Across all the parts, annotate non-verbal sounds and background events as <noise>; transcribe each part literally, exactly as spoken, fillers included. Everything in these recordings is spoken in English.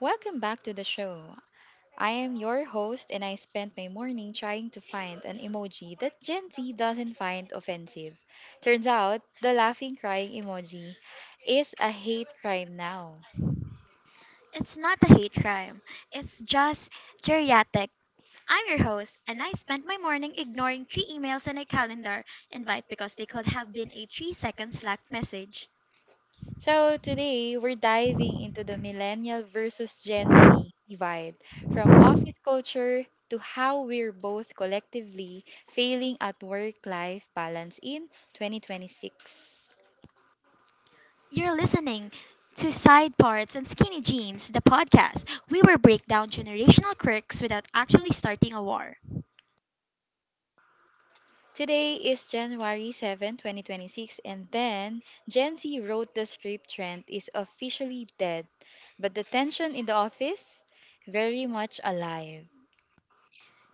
Welcome back to the show. I am your host, and I spent my morning trying to find an emoji that Gen Z doesn't find offensive. Turns out, the laughing crying emoji is a hate crime now. It's not a hate crime. It's just geriatric. I'm your host, and I spent my morning ignoring three emails and a calendar invite because they could have been a three second Slack message. So, today we're diving into the millennial versus Gen Z divide from office culture to how we're both collectively failing at work life balance in twenty twenty-six. You're listening to Side Parts and Skinny Jeans, the podcast. We will break down generational quirks without actually starting a war. Today is January seventh, twenty twenty-six, and then Gen Z wrote the script trend is officially dead, but the tension in the office very much alive.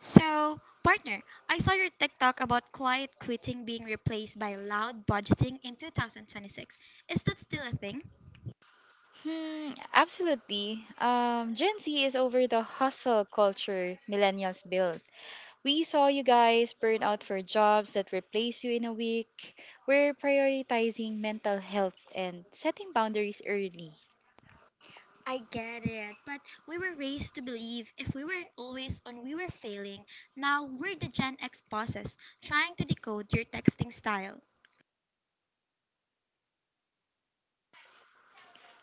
So, partner, I saw your TikTok about quiet quitting being replaced by loud budgeting in twenty twenty-six. Is that still a thing? Hmm, absolutely. Um, Gen Z is over the hustle culture millennials built. We saw you guys burn out for jobs that replace you in a week. We're prioritizing mental health and setting boundaries early. I get it, but we were raised to believe if we weren't always on, we were failing. Now we're the Gen X bosses trying to decode your texting style.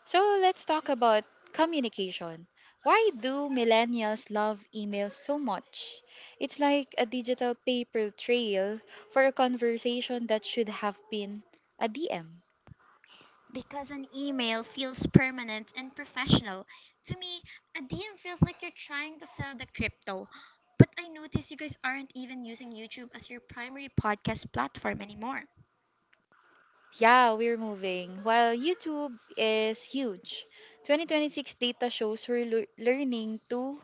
So let's talk about communication. Why do millennials love email so much? It's like a digital paper trail for a conversation that should have been a D M. Because an email feels permanent and professional. To me, a D M feels like you're trying to sell the crypto. But I notice you guys aren't even using YouTube as your primary podcast platform anymore. Yeah, we're moving. While YouTube is huge, twenty twenty-six data shows we're lear- learning to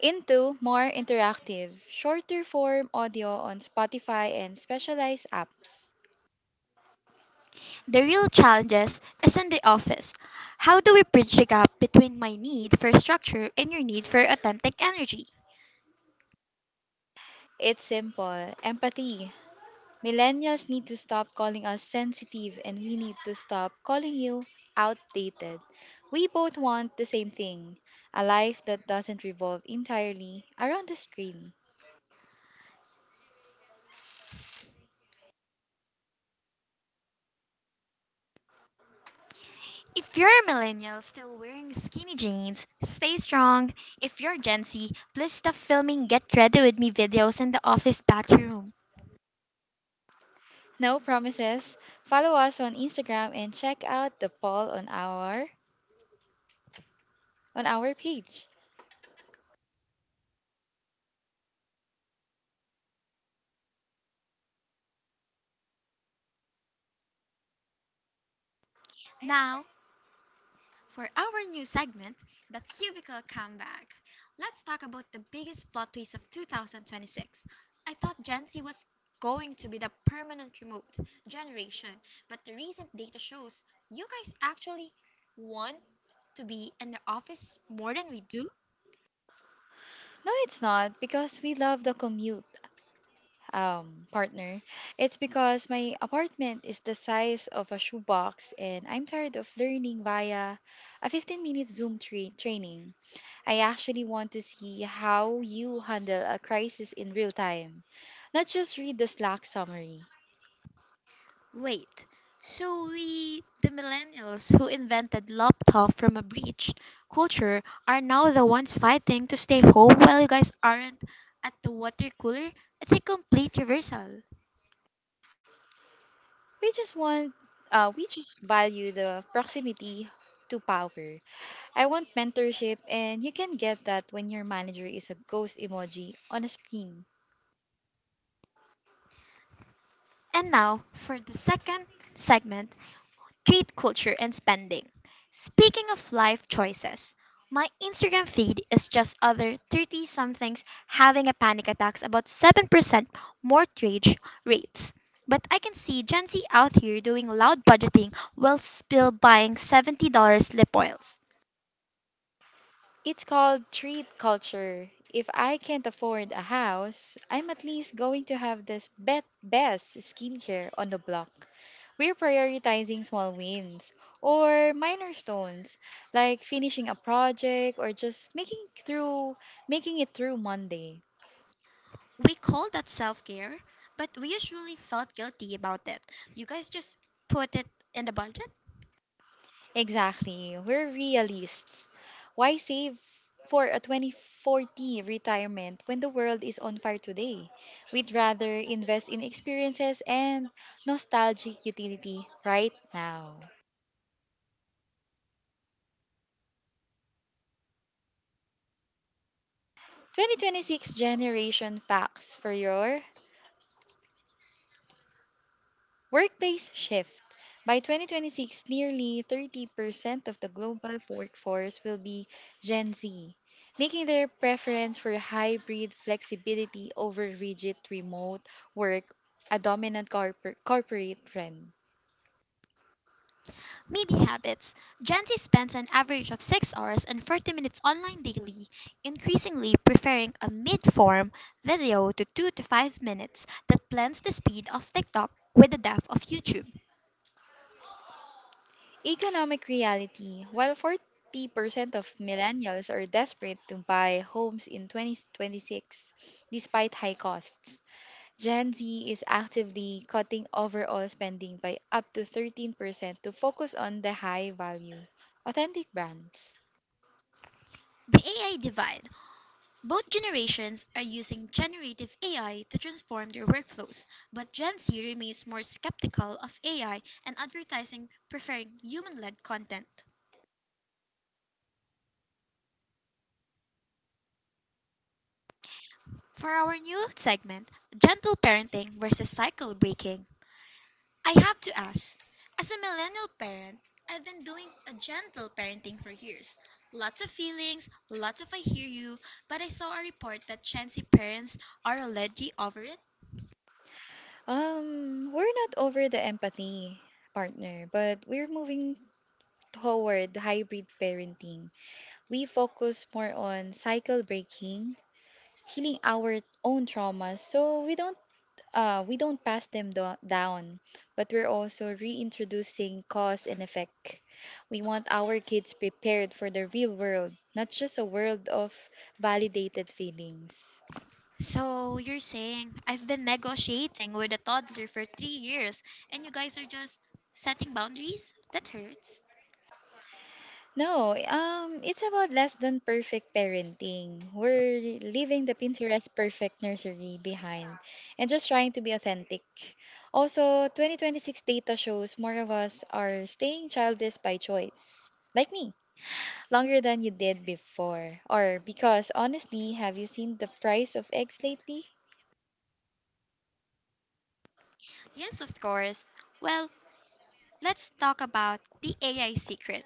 into more interactive, shorter form audio on Spotify and specialized apps. The real challenges is in the office. How do we bridge the gap between my need for structure and your need for authentic energy? It's simple. Empathy millennials need to stop calling us sensitive, and we need to stop calling you outdated. We both want the same thing, a life that doesn't revolve entirely around the screen. If you're a millennial still wearing skinny jeans, stay strong. If you're Gen Z, please stop filming get ready with me videos in the office bathroom. No promises. Follow us on Instagram and check out the poll on our on our page. Now, for our new segment, The Cubicle Comeback, let's talk about the biggest plot twist of two thousand twenty-six. I thought Gen Z was going to be the permanent remote generation, but the recent data shows you guys actually want to be in the office more than we do. No, it's not because we love the commute. Um, partner, it's because my apartment is the size of a shoebox and I'm tired of learning via a fifteen minute Zoom tra- training. I actually want to see how you handle a crisis in real time, not just read the Slack summary. Wait, so we, the millennials who invented laptop from a breach culture, are now the ones fighting to stay home while you guys aren't at the water cooler? It's a complete reversal. We just want, uh, we just value the proximity to power. I want mentorship, and you can get that when your manager is a ghost emoji on a screen. And now for the second segment, street culture and spending. Speaking of life choices, my Instagram feed is just other thirty somethings having a panic attacks about seven percent mortgage rates. But I can see Gen Z out here doing loud budgeting while still buying seventy dollars lip oils. It's called treat culture. If I can't afford a house, I'm at least going to have this bet best skincare on the block. We're prioritizing small wins or minor stones, like finishing a project or just making through making it through Monday. We call that self care, but we usually felt guilty about it. You guys just put it in the budget? Exactly. We're realists. Why save for a twenty forty retirement when the world is on fire today? We'd rather invest in experiences and nostalgic utility right now. twenty twenty-six generation facts for your workplace shift. By twenty twenty-six, nearly thirty percent of the global workforce will be Gen Z, making their preference for hybrid flexibility over rigid remote work a dominant corpor- corporate trend. Media habits. Gen Z spends an average of six hours and thirty minutes online daily, increasingly preferring a mid form video to two to five minutes that blends the speed of TikTok with the depth of YouTube. Economic reality. While forty percent of millennials are desperate to buy homes in twenty twenty-six despite high costs, Gen Z is actively cutting overall spending by up to thirteen percent to focus on the high value, authentic brands. The A I divide. Both generations are using generative A I to transform their workflows, but Gen Z remains more skeptical of A I and advertising, preferring human led content. For our new segment, Gentle Parenting versus Cycle Breaking, I have to ask. As a millennial parent, I've been doing a gentle parenting for years. Lots of feelings, lots of I hear you, but I saw a report that chancy parents are already over it. Um, we're not over the empathy, partner, but we're moving toward hybrid parenting. We focus more on cycle breaking, healing our own traumas so we don't uh, we don't pass them do- down, but we're also reintroducing cause and effect. We want our kids prepared for the real world, not just a world of validated feelings. So you're saying I've been negotiating with a toddler for three years and you guys are just setting boundaries? That hurts. No, um, it's about less than perfect parenting. We're leaving the Pinterest perfect nursery behind and just trying to be authentic. Also, twenty twenty-six data shows more of us are staying childless by choice, like me, longer than you did before. Or because honestly, have you seen the price of eggs lately? Yes, of course. Well, let's talk about the A I secret.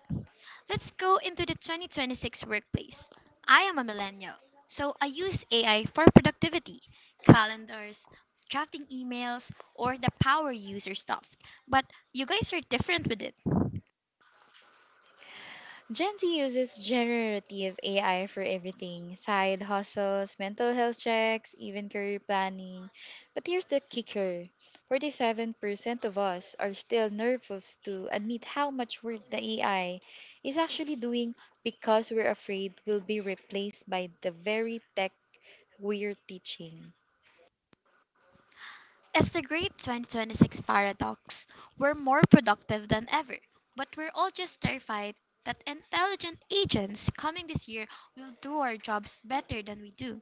Let's go into the twenty twenty-six workplace. I am a millennial, so I use A I for productivity, calendars, drafting emails, or the power user stuff. But you guys are different with it. Gen Z uses generative A I for everything, side hustles, mental health checks, even career planning. But here's the kicker, forty-seven percent of us are still nervous to admit how much work the A I is actually doing because we're afraid we'll be replaced by the very tech we're teaching. It's the great twenty twenty-six paradox. We're more productive than ever, but we're all just terrified that intelligent agents coming this year will do our jobs better than we do.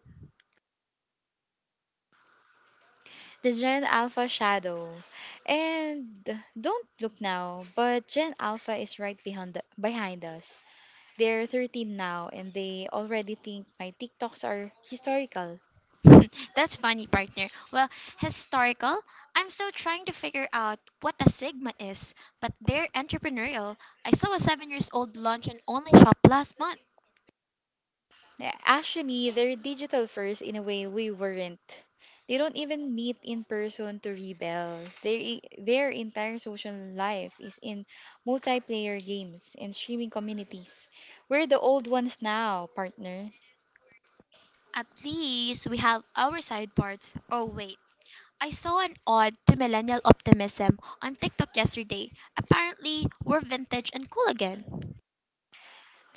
The Gen Alpha shadow. And don't look now, but Gen Alpha is right behind the, behind us. They're thirteen now and they already think my TikToks are historical. <laughs> That's funny, partner. Well, historical, I'm still trying to figure out what a Sigma is, but they're entrepreneurial. I saw a seven years old launch an online shop last month. Yeah, actually, they're digital first in a way we weren't. They don't even meet in person to rebel. Their, e- their entire social life is in multiplayer games and streaming communities. We're the old ones now, partner. At least we have our side parts. Oh, wait. I saw an ode to millennial optimism on TikTok yesterday. Apparently, we're vintage and cool again.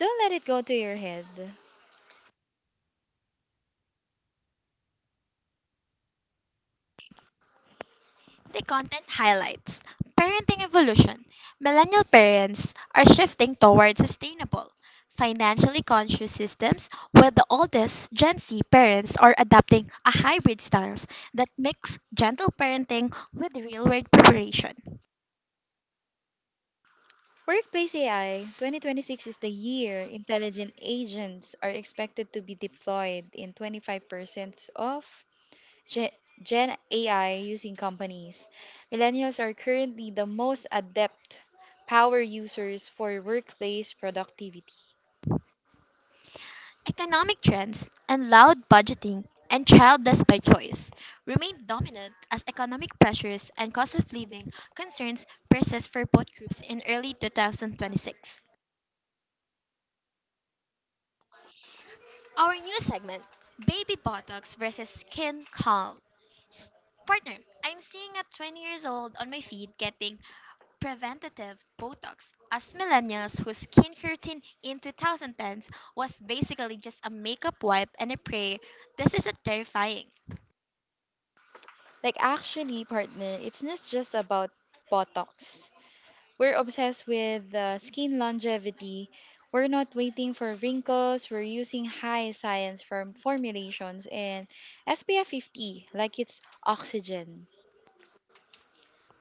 Don't let it go to your head. The content highlights parenting evolution. Millennial parents are shifting toward sustainable, financially conscious systems, while the oldest Gen Z parents are adopting a hybrid stance that mix gentle parenting with real-world preparation. Workplace A I. twenty twenty-six is the year intelligent agents are expected to be deployed in twenty-five percent of Ge- Gen A I using companies. Millennials are currently the most adept power users for workplace productivity. Economic trends and loud budgeting and childless by choice remain dominant as economic pressures and cost of living concerns persist for both groups in early two thousand twenty-six. Our new segment, Baby Botox versus Skin Calm. S- Partner, I'm seeing a twenty years old on my feed getting preventative Botox. Us millennials whose skincare routine in twenty tens was basically just a makeup wipe and a prayer, this is a terrifying. Like, actually, partner, it's not just about Botox. We're obsessed with uh, skin longevity. We're not waiting for wrinkles. We're using high science form formulations and S P F fifty like it's oxygen.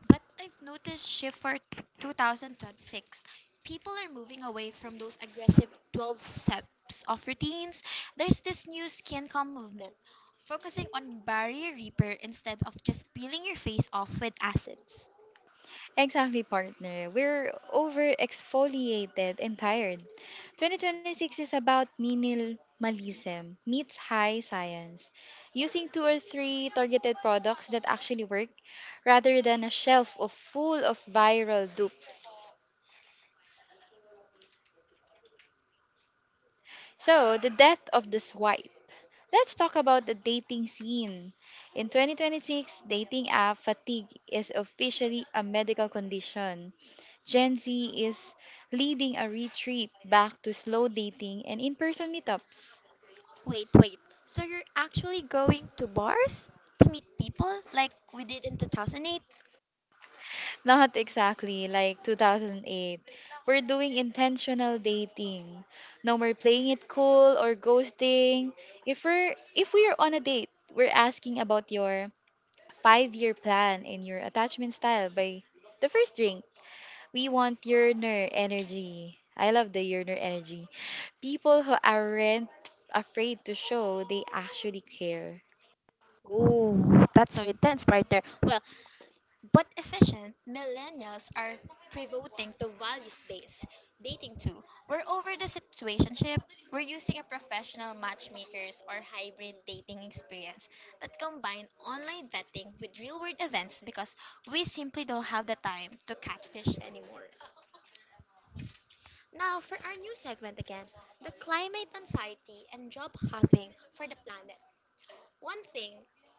But I've noticed shift for two thousand twenty-six, people are moving away from those aggressive twelve steps of routines. There's this new skin calm movement, focusing on barrier repair instead of just peeling your face off with acids. Exactly, partner. We're over exfoliated and tired. twenty twenty-six is about minimalism meets high science, using two or three targeted products that actually work rather than a shelf of full of viral dupes. So, the death of the swipe. Let's talk about the dating scene. In twenty twenty-six, dating app fatigue is officially a medical condition. Gen Z is leading a retreat back to slow dating and in person meetups. Wait, wait. So you're actually going to bars? To meet people like we did in two thousand eight. Not exactly like two thousand eight. We're doing intentional dating. No more playing it cool or ghosting. If we're if we're on a date, we're asking about your five-year plan and your attachment style by the first drink. We want yearner energy. I love the yearner energy. People who aren't afraid to show they actually care. Oh, that's so intense right there. Well, but efficient millennials are pivoting to values based dating too. We're over the situationship. We're using a professional matchmakers or hybrid dating experience that combine online vetting with real world events because we simply don't have the time to catfish anymore. Now, for our new segment again, the climate anxiety and job hopping for the planet. One thing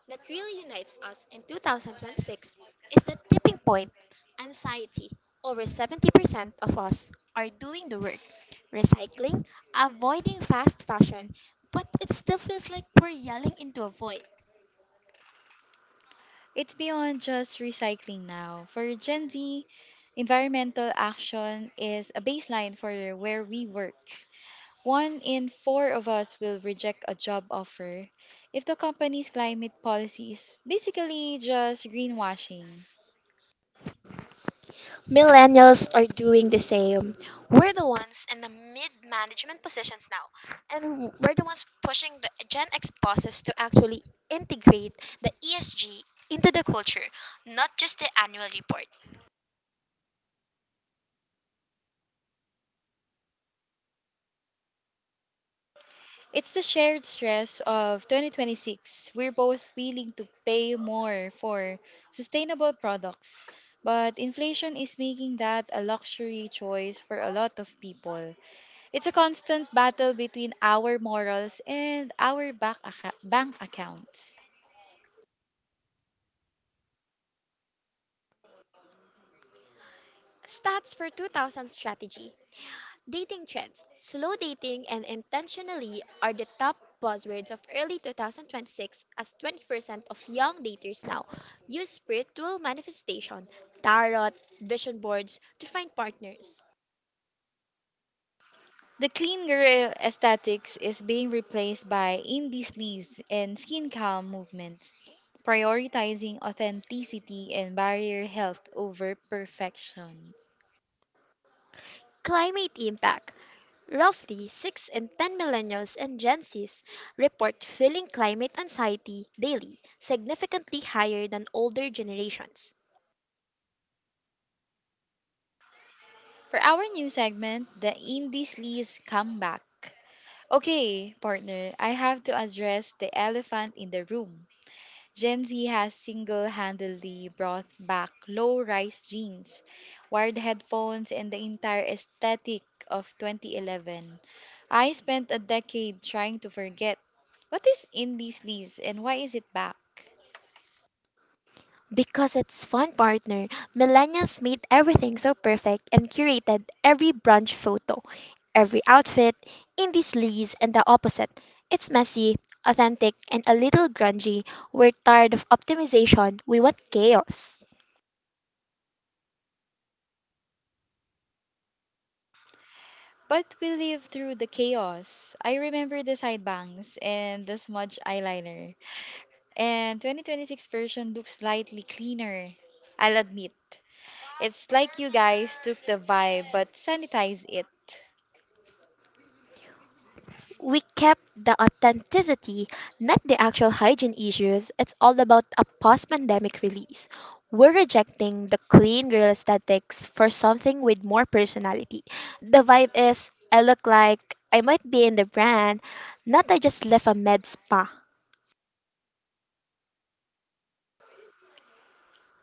that really unites us in two thousand twenty-six is the tipping point anxiety. Over seventy percent of us are doing the work, recycling, avoiding fast fashion, but it still feels like we're yelling into a void. It's beyond just recycling now. For Gen Z, environmental action is a baseline for where we work. One in four of us will reject a job offer if the company's climate policy is basically just greenwashing. Millennials are doing the same. We're the ones in the mid management positions now, and we're the ones pushing the Gen X bosses to actually integrate the E S G into the culture, not just the annual report. It's the shared stress of twenty twenty-six. We're both willing to pay more for sustainable products, but inflation is making that a luxury choice for a lot of people. It's a constant battle between our morals and our bank, acca- bank accounts. Stats for two thousand strategy. Dating trends. Slow dating and intentionally are the top buzzwords of early twenty twenty-six as twenty percent of young daters now use spiritual manifestation, tarot, vision boards to find partners. The clean girl aesthetics is being replaced by indie sleaze and skin calm movements, prioritizing authenticity and barrier health over perfection. Climate impact. Roughly six in ten millennials and Gen Zs report feeling climate anxiety daily, significantly higher than older generations. For our new segment, the Indies Lee's Comeback. Okay, partner, I have to address the elephant in the room. Gen Z has single handedly brought back low rise jeans, wired headphones, and the entire aesthetic of twenty eleven. I spent a decade trying to forget. What is Indies Lee's and why is it back? Because it's fun, partner. Millennials made everything so perfect and curated, every brunch photo, every outfit, indie sleaze, and the opposite. It's messy, authentic, and a little grungy. We're tired of optimization. We want chaos. But we lived through the chaos. I remember the side bangs and the smudge eyeliner. And twenty twenty-six version looks slightly cleaner, I'll admit. It's like you guys took the vibe but sanitized it. We kept the authenticity, not the actual hygiene issues. It's all about a post pandemic release. We're rejecting the clean girl aesthetics for something with more personality. The vibe is I look like I might be in the brand, not I just left a med spa.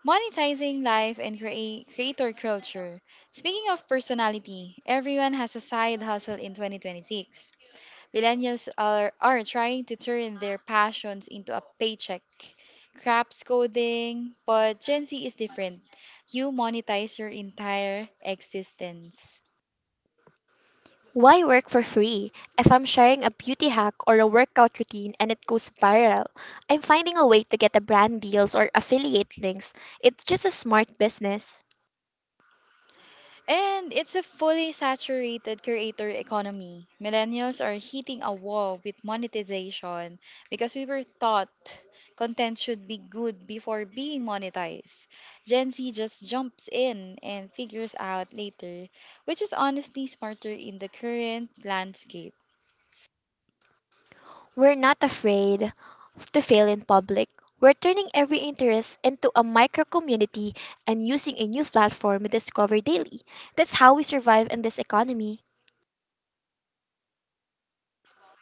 Monetizing life and create creator culture. Speaking of personality, everyone has a side hustle in twenty twenty-six. Millennials are, are trying to turn their passions into a paycheck. Craps coding, but Gen Z is different. You monetize your entire existence. Why work for free? If I'm sharing a beauty hack or a workout routine and it goes viral, I'm finding a way to get a brand deals or affiliate links. It's just a smart business. And it's a fully saturated creator economy. Millennials are hitting a wall with monetization because we were taught content should be good before being monetized. Gen Z just jumps in and figures out later, which is honestly smarter in the current landscape. We're not afraid to fail in public. We're turning every interest into a micro community and using a new platform we discover daily. That's how we survive in this economy.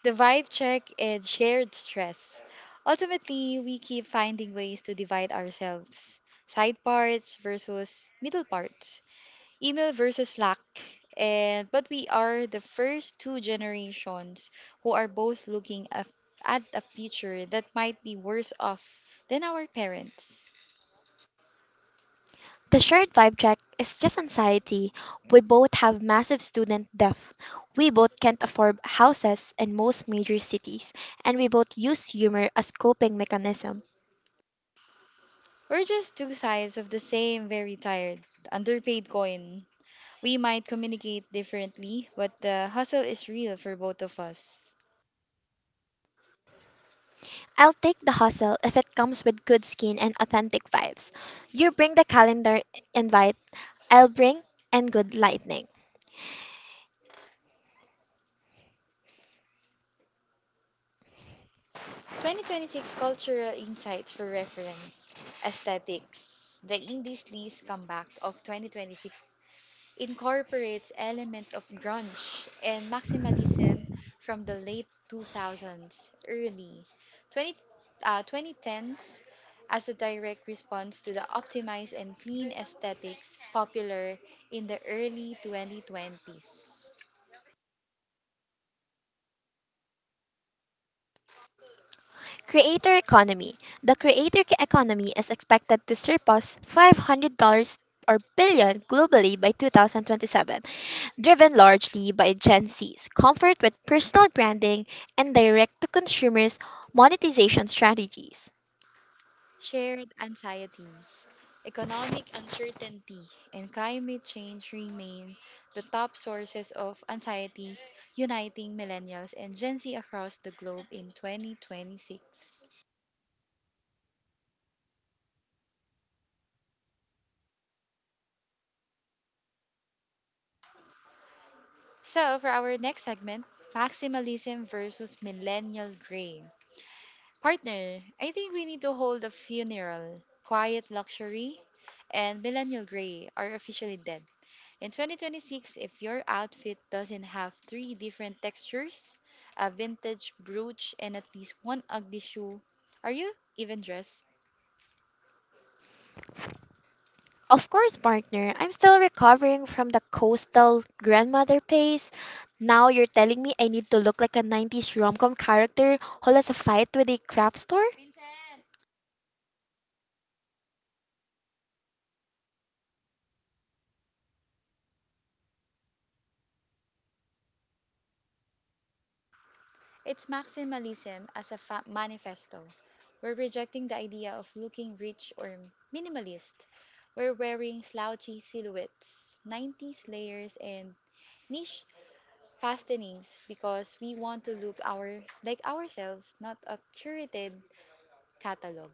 The vibe check and shared stress. Ultimately, we keep finding ways to divide ourselves, side parts versus middle parts, email versus Slack. And but we are the first two generations who are both looking af- at a future that might be worse off than our parents. The shared vibe check is just anxiety. We both have massive student debt. We both can't afford houses in most major cities, and we both use humor as coping mechanism. We're just two sides of the same very tired, underpaid coin. We might communicate differently, but the hustle is real for both of us. I'll take the hustle if it comes with good skin and authentic vibes. You bring the calendar invite Elbring, and Good Lightning. twenty twenty-six cultural insights for reference. Aesthetics. The Indie Sleaze comeback of twenty twenty-six incorporates element of grunge and maximalism from the late two thousands, early twenty, uh, twenty tens as a direct response to the optimized and clean aesthetics popular in the early twenty twenties. Creator Economy. The creator ca- economy is expected to surpass five hundred dollars or billion globally by two thousand twenty-seven, driven largely by Gen Z's comfort with personal branding and direct to consumers monetization strategies. Shared anxieties, economic uncertainty, and climate change remain the top sources of anxiety, uniting millennials and Gen Z across the globe in twenty twenty-six. So, for our next segment, maximalism versus millennial gray. Partner, I think we need to hold a funeral. Quiet luxury and millennial gray are officially dead. In twenty twenty-six, if your outfit doesn't have three different textures, a vintage brooch, and at least one ugly shoe, are you even dressed? Of course, partner, I'm still recovering from the coastal grandmother phase. Now you're telling me I need to look like a nineties rom-com character who has a fight with a crap store? It's maximalism as a fa- manifesto. We're rejecting the idea of looking rich or minimalist. We're wearing slouchy silhouettes, nineties layers, and niche fastenings because we want to look our like ourselves, not a curated catalog.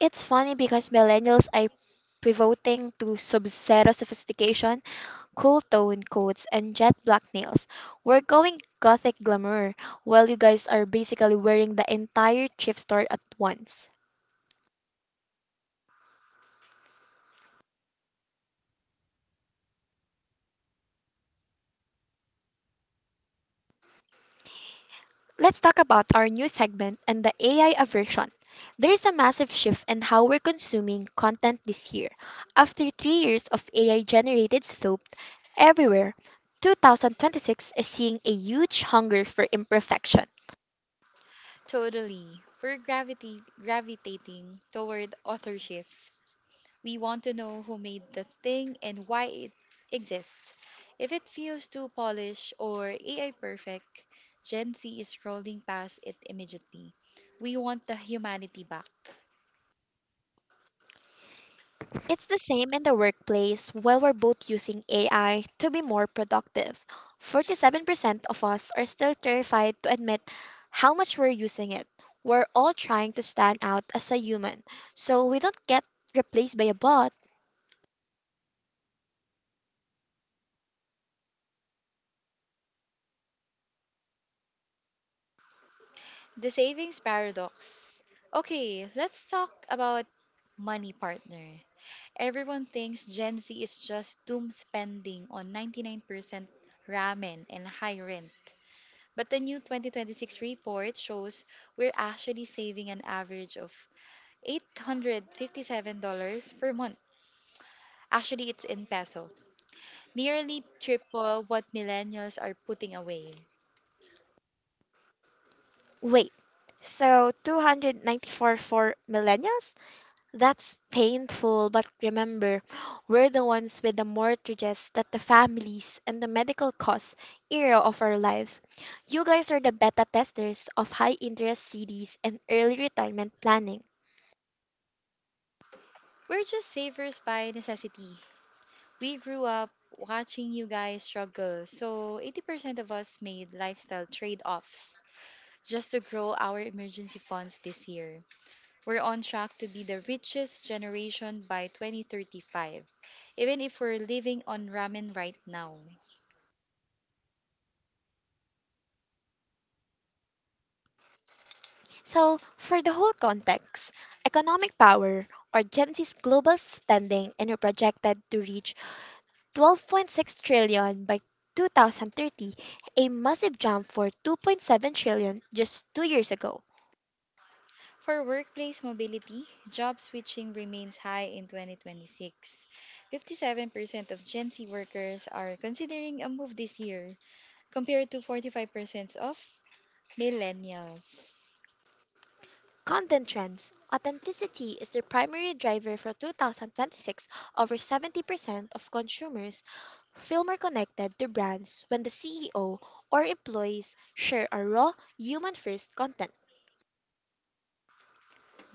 It's funny because millennials are pivoting to sub-zero sophistication, cool tone coats, and jet black nails. We're going gothic glamour, while you guys are basically wearing the entire thrift store at once. Let's talk about our new segment and the A I aversion. There's a massive shift in how we're consuming content this year. After three years of A I generated soap everywhere, two thousand twenty-six is seeing a huge hunger for imperfection. Totally. We're gravity gravitating toward authorship. We want to know who made the thing and why it exists. If it feels too polished or A I perfect, Gen Z is scrolling past it immediately. We want the humanity back. It's the same in the workplace while we're both using A I to be more productive. forty-seven percent of us are still terrified to admit how much we're using it. We're all trying to stand out as a human, so we don't get replaced by a bot. The savings paradox. Okay, let's talk about money, partner. Everyone thinks Gen Z is just doom spending on ninety-nine percent ramen and high rent, but the new twenty twenty-six report shows we're actually saving an average of eight hundred fifty-seven dollars per month. Actually, it's in peso, nearly triple what millennials are putting away. Wait, so two hundred ninety-four for millennials? That's painful, but remember, we're the ones with the mortgages that the families and the medical costs era of our lives. You guys are the beta testers of high interest C Ds and early retirement planning. We're just savers by necessity. We grew up watching you guys struggle, so eighty percent of us made lifestyle trade offs just to grow our emergency funds this year. We're on track to be the richest generation by twenty thirty-five, even if we're living on ramen right now. So, for the whole context, economic power or Gen Z's global spending and are projected to reach twelve point six trillion by two thousand thirty, a massive jump for two point seven trillion just two years ago. For workplace mobility, job switching remains high in twenty twenty-six. fifty-seven percent of Gen Z workers are considering a move this year, compared to forty-five percent of millennials. Content trends. Authenticity is the primary driver for two thousand twenty-six. Over seventy percent of consumers feel more connected to brands when the C E O or employees share a raw, human first content.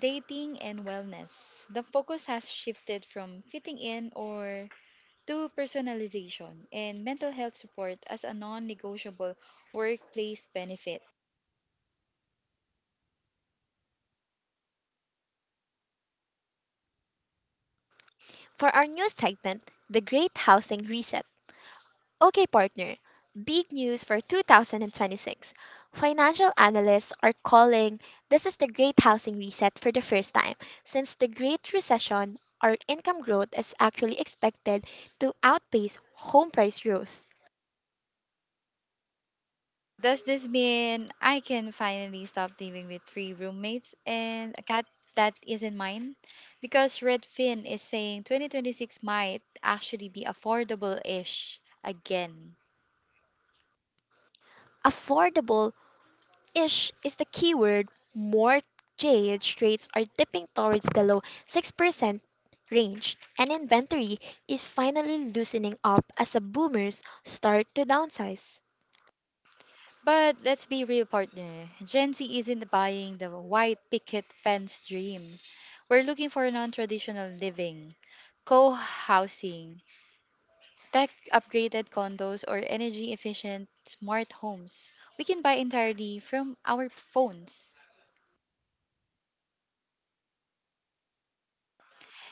Dating and wellness. The focus has shifted from fitting in or to personalization and mental health support as a non negotiable workplace benefit. For our new segment, The Great Housing Reset, okay, partner. Big news for two thousand twenty-six. Financial analysts are calling this is the great housing reset for the first time. Since the Great Recession, our income growth is actually expected to outpace home price growth. Does this mean I can finally stop living with three roommates and a cat that isn't mine? Because Redfin is saying twenty twenty-six might actually be affordable ish again. Affordable ish is the keyword. Mortgage rates are dipping towards the low six percent range, and inventory is finally loosening up as the boomers start to downsize. But let's be real, partner. Gen Z isn't buying the white picket fence dream. We're looking for non traditional living, co housing, tech upgraded condos or energy efficient smart homes we can buy entirely from our phones.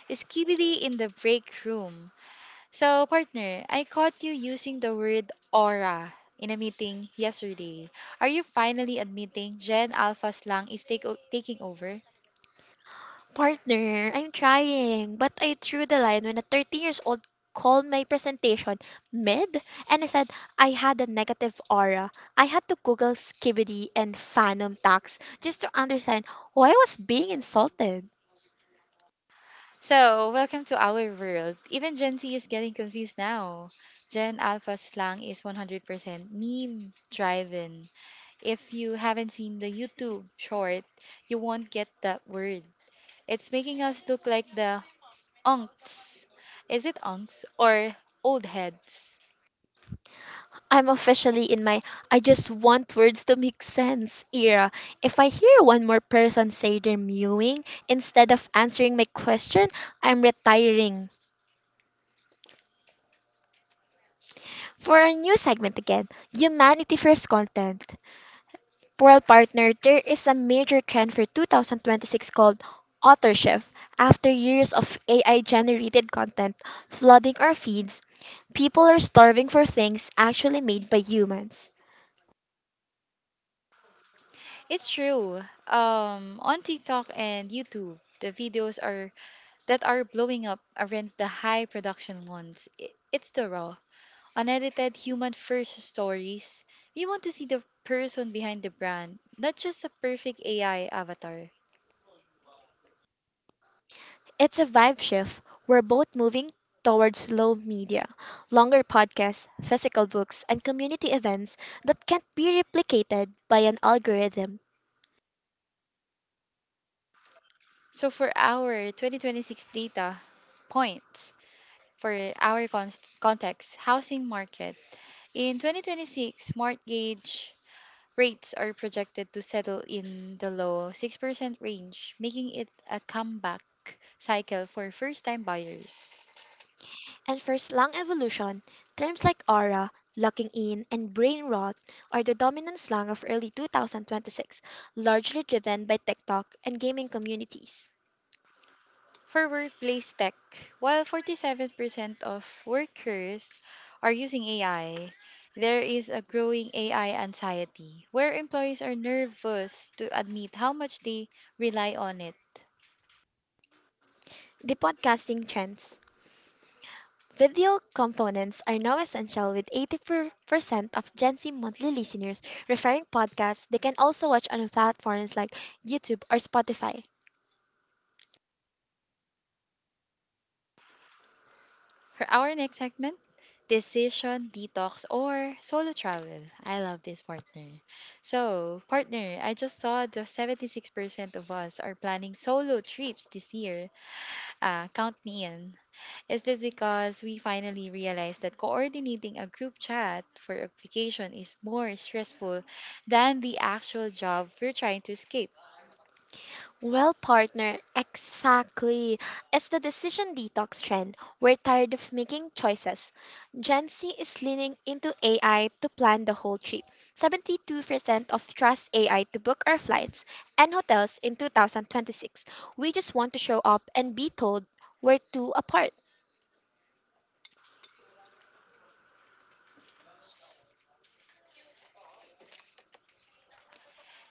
Skibidi in the break room. So, partner, I caught you using the word aura in a meeting yesterday. Are you finally admitting Gen Alpha slang is take o- taking over? Partner, I'm trying, but I drew the line when a thirteen years old called my presentation mid and I said I had a negative aura. I had to Google skibidi and phantom tax just to understand why I was being insulted. So, welcome to our world. Even Gen Z is getting confused now. Gen Alpha slang is one hundred percent meme driven. If you haven't seen the YouTube short, you won't get that word. It's making us look like the unks. Is it unks or old heads? I'm officially in my I just want words to make sense era. If I hear one more person say they're mewing instead of answering my question, I'm retiring. For our new segment again, Humanity First Content. Well, partner, there is a major trend for two thousand twenty-six called authorship. After years of A I generated content flooding our feeds, people are starving for things actually made by humans. It's true. Um, on TikTok and YouTube, the videos are that are blowing up aren't the high production ones. I- It's the raw, unedited human first stories. We want to see the person behind the brand, not just a perfect A I avatar. It's a vibe shift. We're both moving towards slow media, longer podcasts, physical books, and community events that can't be replicated by an algorithm. So for our twenty twenty-six data points for our con- context, housing market in twenty twenty-six, mortgage rates are projected to settle in the low six percent range, making it a comeback cycle for first time buyers. And for slang evolution, terms like aura, locking in, and brain rot are the dominant slang of early two thousand twenty-six, largely driven by TikTok and gaming communities. For workplace tech, while forty-seven percent of workers are using A I, there is a growing A I anxiety where employees are nervous to admit how much they rely on it. The podcasting trends. Video components are now essential with eighty-four percent of Gen Z monthly listeners referring podcasts they can also watch on platforms like YouTube or Spotify. For our next segment, decision detox or solo travel. I love this, partner. So, partner, I just saw the seventy-six percent of us are planning solo trips this year. Ah, count me in. Is this because we finally realized that coordinating a group chat for a vacation is more stressful than the actual job we're trying to escape? Well, partner, exactly. It's the decision detox trend. We're tired of making choices. Gen Z is leaning into A I to plan the whole trip. seventy-two percent of trust A I to book our flights and hotels in two thousand twenty-six. We just want to show up and be told we're two apart.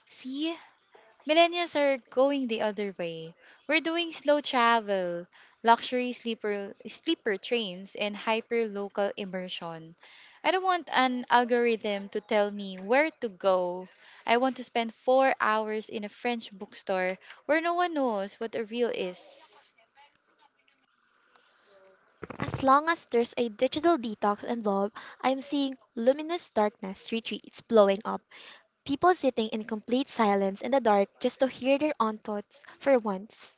See, millennials are going the other way. We're doing slow travel, luxury sleeper sleeper trains, and hyper local immersion. I don't want an algorithm to tell me where to go. I want to spend four hours in a French bookstore where no one knows what a reel is. As long as there's a digital detox involved, I'm seeing luminous darkness retreats blowing up. People sitting in complete silence in the dark just to hear their own thoughts for once.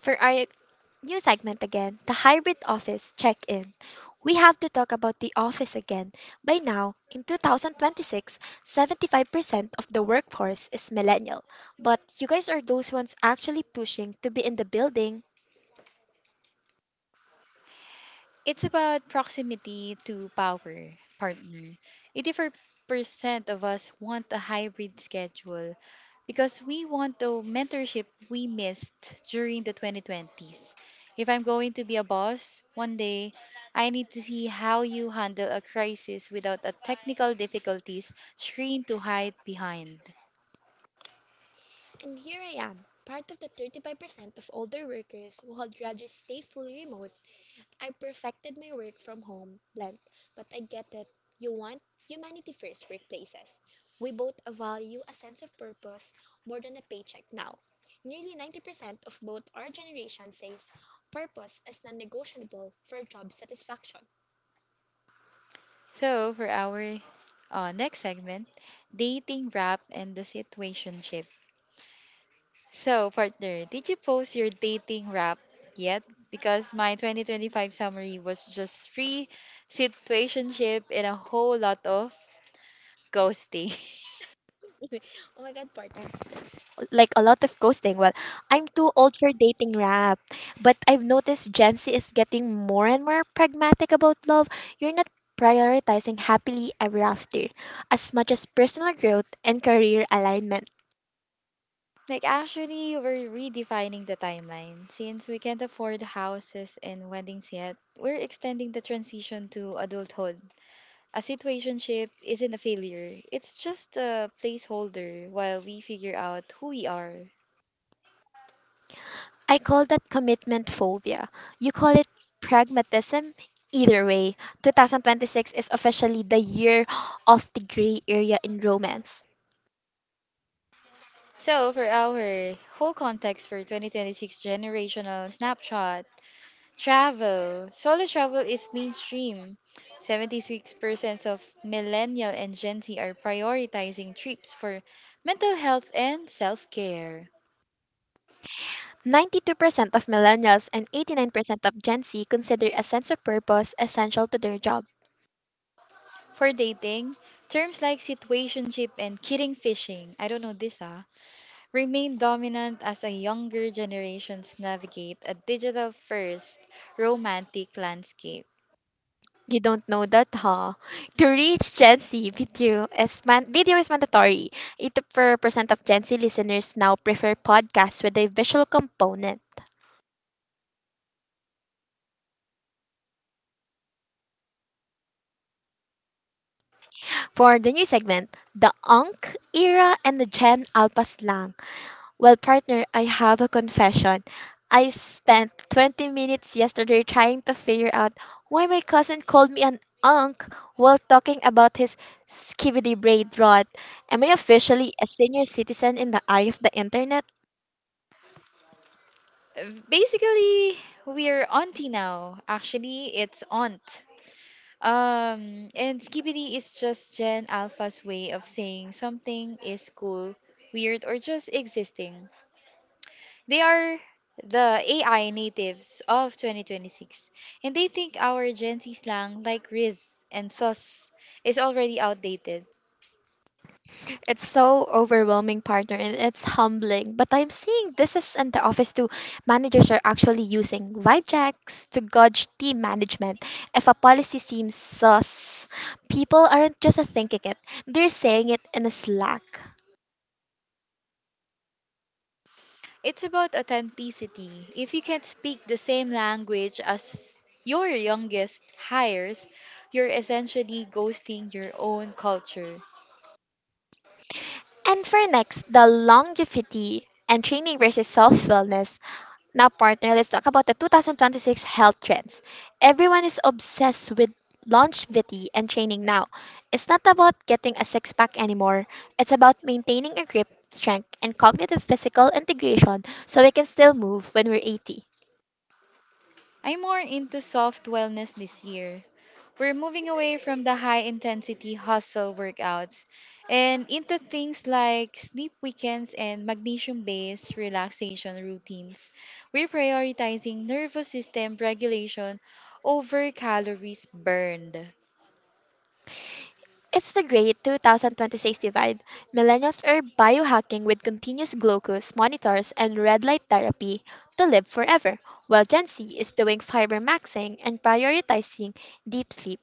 For our new segment again, the hybrid office check in. We have to talk about the office again. By now, in twenty twenty-six, seventy-five percent of the workforce is millennial. But you guys are those ones actually pushing to be in the building. It's about proximity to power, partner. eighty-four percent of us want a hybrid schedule because we want the mentorship we missed during the twenty twenties. If I'm going to be a boss one day, I need to see how you handle a crisis without a technical difficulties screen to hide behind. And here I am, part of the thirty-five percent of older workers who would rather stay fully remote. I perfected my work from home blend, but I get that you want humanity first workplaces. We both value a sense of purpose more than a paycheck now. Nearly ninety percent of both our generation says purpose is non negotiable for job satisfaction. So, for our uh, next segment, dating rap and the situationship. So, partner, did you post your dating wrap yet? Because my twenty twenty-five summary was just three situationship and a whole lot of ghosting. <laughs> <laughs> Oh my god, partner, like a lot of ghosting. Well, I'm too old for dating rap, but I've noticed Gen Z is getting more and more pragmatic about love. You're not prioritizing happily ever after as much as personal growth and career alignment. Like, actually, we're redefining the timeline. Since we can't afford houses and weddings yet, we're extending the transition to adulthood. A situationship isn't a failure, it's just a placeholder while we figure out who we are. I call that commitment phobia. You call it pragmatism. Either way, twenty twenty-six is officially the year of the gray area in romance. So, for our whole context for twenty twenty-six generational snapshot, travel, solo travel is mainstream. seventy-six percent of millennial and Gen Z are prioritizing trips for mental health and self care. ninety-two percent of millennials and eighty-nine percent of Gen Z consider a sense of purpose essential to their job. For dating, terms like situationship and kidding fishing, I don't know this, ah, remain dominant as a younger generations navigate a digital first romantic landscape. You don't know that, huh? To reach Gen Z, video is, man- video is mandatory. eighty-four percent of Gen Z listeners now prefer podcasts with a visual component. For the new segment, the Ankh era and the Gen Alpha slang. Well, partner, I have a confession. I spent twenty minutes yesterday trying to figure out why my cousin called me an unk while talking about his skibidi braid rot. Am I officially a senior citizen in the eye of the internet? Basically, we're auntie now. Actually, it's aunt. Um, and Skibidi is just Gen Alpha's way of saying something is cool, weird, or just existing. They are the A I natives of twenty twenty-six, and they think our Gen Z slang like Riz and Sus is already outdated. It's so overwhelming, partner, and it's humbling. But I'm seeing this is in the office too. Managers are actually using vibe checks to gauge team management. If a policy seems sus, people aren't just thinking it, they're saying it in a Slack. It's about authenticity. If you can't speak the same language as your youngest hires, you're essentially ghosting your own culture. And for next, the longevity and training versus self wellness. Now, partner, let's talk about the two thousand twenty-six health trends. Everyone is obsessed with longevity and training now. It's not about getting a six pack anymore, it's about maintaining a grip, strength, and cognitive physical integration so we can still move when we're eighty. I'm more into soft wellness this year. We're moving away from the high intensity hustle workouts and into things like sleep weekends and magnesium based relaxation routines. We're prioritizing nervous system regulation over calories burned. It's the great two thousand twenty-six divide. Millennials are biohacking with continuous glucose monitors and red light therapy to live forever, while Gen Z is doing fiber maxing and prioritizing deep sleep.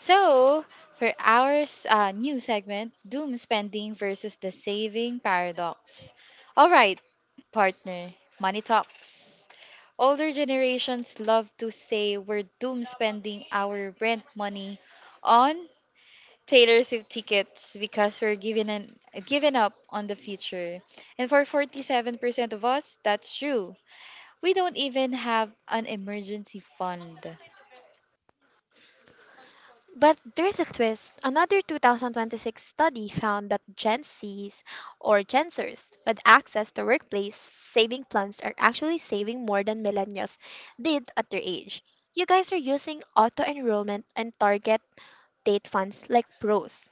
So, for our s- uh, new segment, doom spending versus the saving paradox. All right, partner, money talks. Older generations love to say we're doom spending our rent money on Taylor Swift tickets because we're giving an giving up on the future. And for forty-seven percent of us, that's true. We don't even have an emergency fund. But there's a twist. Another two thousand twenty-six study found that Gen Zs or Gen Zers with access to workplace saving plans are actually saving more than millennials did at their age. You guys are using auto enrollment and target date funds like pros.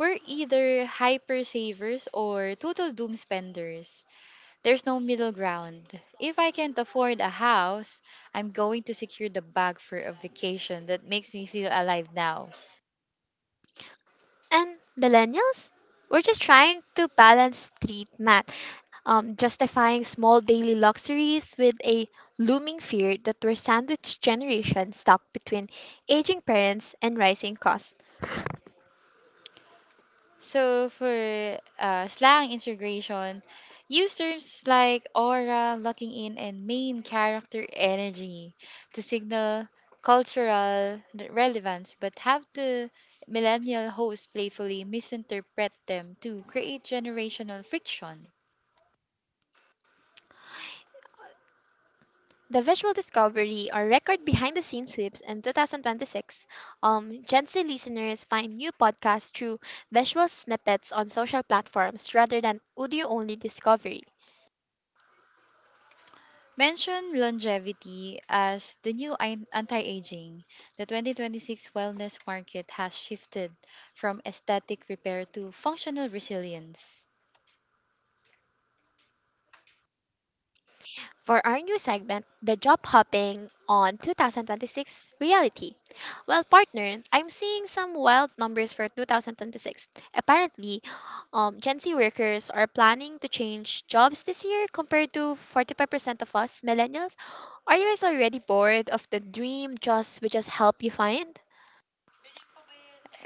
We're either hyper savers or total doom spenders. There's no middle ground. If I can't afford a house, I'm going to secure the bag for a vacation that makes me feel alive now. And millennials, we're just trying to balance street math, um, justifying small daily luxuries with a looming fear that we're sandwich generation stuck between aging parents and rising costs. So for uh, slang integration, use terms like aura, locking in, and main character energy to signal cultural re- relevance, but have the millennial host playfully misinterpret them to create generational friction. The visual discovery or record behind the scenes hips in two thousand twenty-six. Um, Gen Z listeners find new podcasts through visual snippets on social platforms rather than audio only discovery. Mention longevity as the new ein- anti-aging. The twenty twenty-six wellness market has shifted from aesthetic repair to functional resilience. For our new segment, The Job Hopping on two thousand twenty-six Reality. Well, partner, I'm seeing some wild numbers for two thousand twenty-six. Apparently, um, Gen Z workers are planning to change jobs this year compared to forty-five percent of us millennials. Are you guys already bored of the dream jobs we just help you find?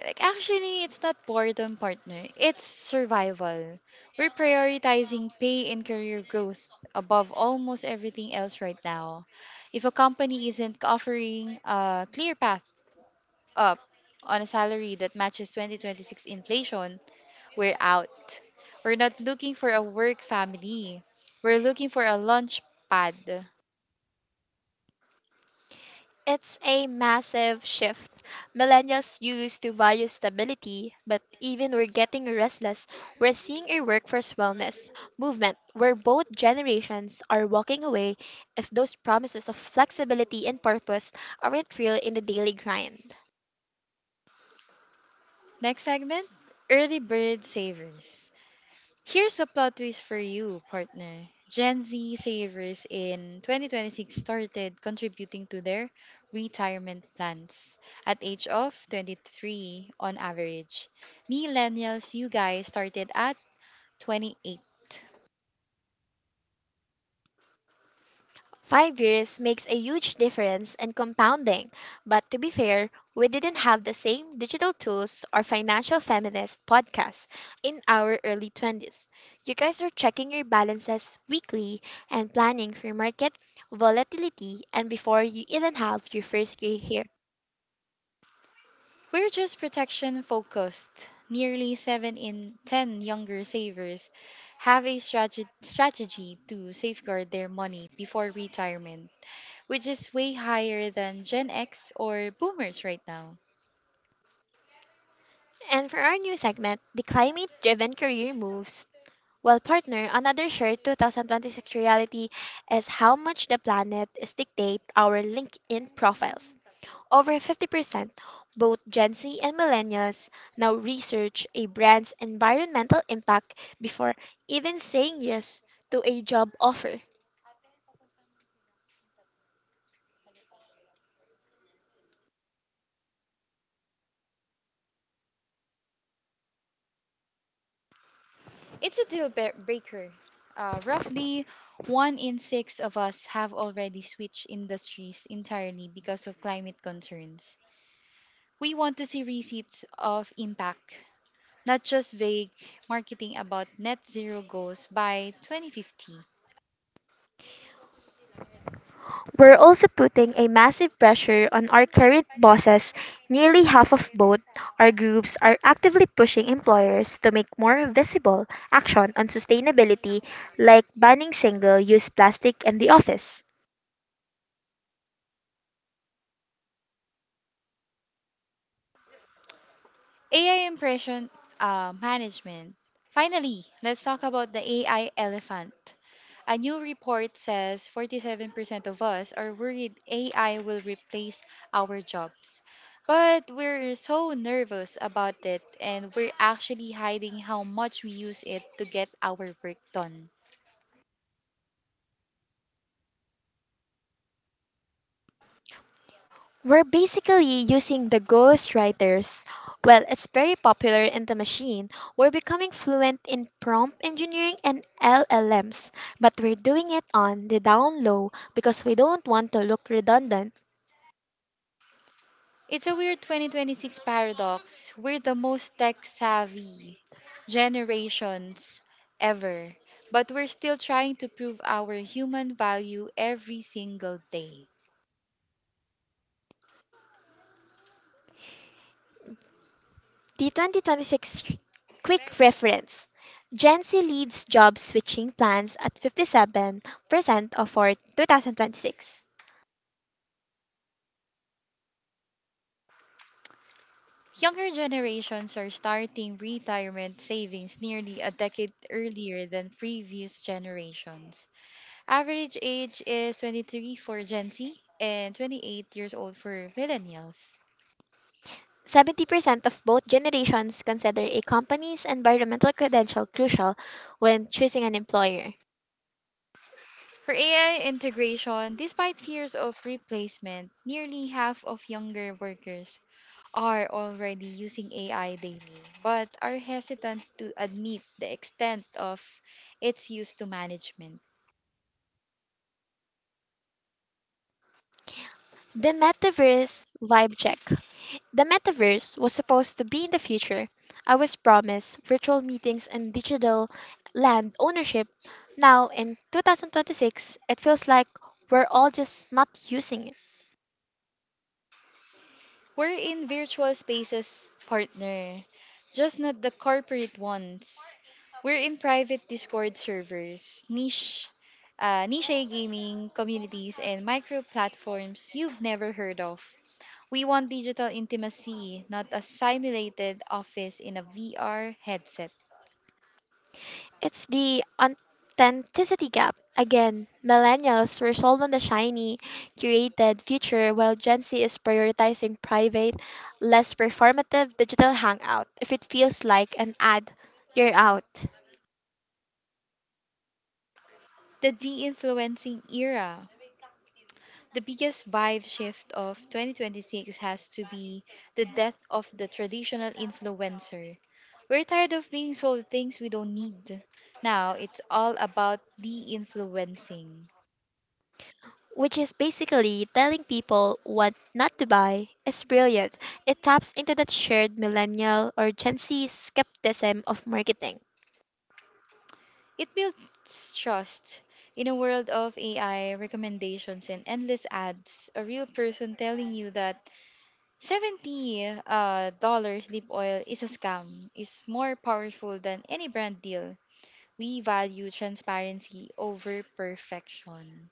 Like actually, it's not boredom, partner. It's survival. We're prioritizing pay and career growth above almost everything else right now. If a company isn't offering a clear path up on a salary that matches twenty twenty-six inflation, we're out. We're not looking for a work family. We're looking for a launch pad. It's a massive shift. Millennials used to value stability, but even we're getting restless. We're seeing a workforce wellness movement where both generations are walking away if those promises of flexibility and purpose aren't real in the daily grind. Next segment, early bird savers. Here's a plot twist for you, partner. Gen Z savers in twenty twenty-six started contributing to their retirement plans at age of twenty-three on average. Millennials, you guys started at twenty-eight. Five years makes a huge difference in compounding, but to be fair, we didn't have the same digital tools or financial feminist podcasts in our early twenties. You guys are checking your balances weekly and planning for market volatility and before you even have your first gray hair. We're just protection focused. Nearly seven in ten younger savers have a strate- strategy to safeguard their money before retirement, which is way higher than Gen X or boomers right now. And for our new segment, the climate driven career moves. Well, partner, another shared two thousand twenty-six reality is how much the planet is dictate our LinkedIn profiles. Over fifty percent, both Gen Z and millennials now research a brand's environmental impact before even saying yes to a job offer. It's a deal bre- breaker. Uh, roughly one in six of us have already switched industries entirely because of climate concerns. We want to see receipts of impact, not just vague marketing about net zero goals by twenty fifty. We're also putting a massive pressure on our current bosses. Nearly half of both our groups are actively pushing employers to make more visible action on sustainability, like banning single use plastic in the office. A I impression, uh, management. Finally, let's talk about the A I elephant. A new report says forty-seven percent of us are worried A I will replace our jobs. But we're so nervous about it, and we're actually hiding how much we use it to get our work done. We're basically using the ghost writers. Well, it's very popular in the machine. We're becoming fluent in prompt engineering and L L Ms, but we're doing it on the down low because we don't want to look redundant. It's a weird twenty twenty-six paradox. We're the most tech savvy generations ever, but we're still trying to prove our human value every single day. The twenty twenty-six quick reference. Gen Z leads job switching plans at fifty-seven percent of our two thousand twenty-six. Younger generations are starting retirement savings nearly a decade earlier than previous generations. Average age is twenty-three for Gen Z and twenty-eight years old for millennials. seventy percent of both generations consider a company's environmental credential crucial when choosing an employer. For A I integration, despite fears of replacement, nearly half of younger workers are already using A I daily, but are hesitant to admit the extent of its use to management. The metaverse vibe check. The metaverse was supposed to be in the future. I was promised virtual meetings and digital land ownership. Now, in two thousand twenty-six, it feels like we're all just not using it. We're in virtual spaces, partner, just not the corporate ones. We're in private Discord servers, niche, uh, niche gaming communities, and micro platforms you've never heard of. We want digital intimacy, not a simulated office in a V R headset. It's the authenticity gap. Again, millennials were sold on the shiny, curated future while Gen Z is prioritizing private, less performative digital hangout. If it feels like an ad, you're out. The de influencing era. The biggest vibe shift of twenty twenty-six has to be the death of the traditional influencer. We're tired of being sold things we don't need. Now it's all about de influencing. Which is basically telling people what not to buy is brilliant. It taps into that shared millennial or Gen Z skepticism of marketing. It builds trust. In a world of A I recommendations and endless ads, a real person telling you that seventy uh, dollars dollar lip oil is a scam is more powerful than any brand deal. We value transparency over perfection.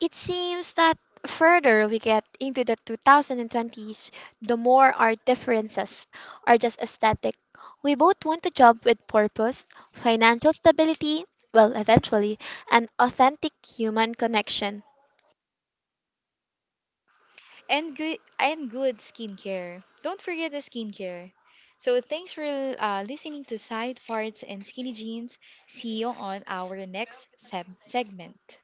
It seems that further we get into the twenty twenties, the more our differences are just aesthetic. We both want a job with purpose, financial stability, well, eventually, an authentic human connection. And good and good skincare. Don't forget the skincare. So thanks for uh, listening to Side Parts and Skinny Jeans. See you on our next seb segment.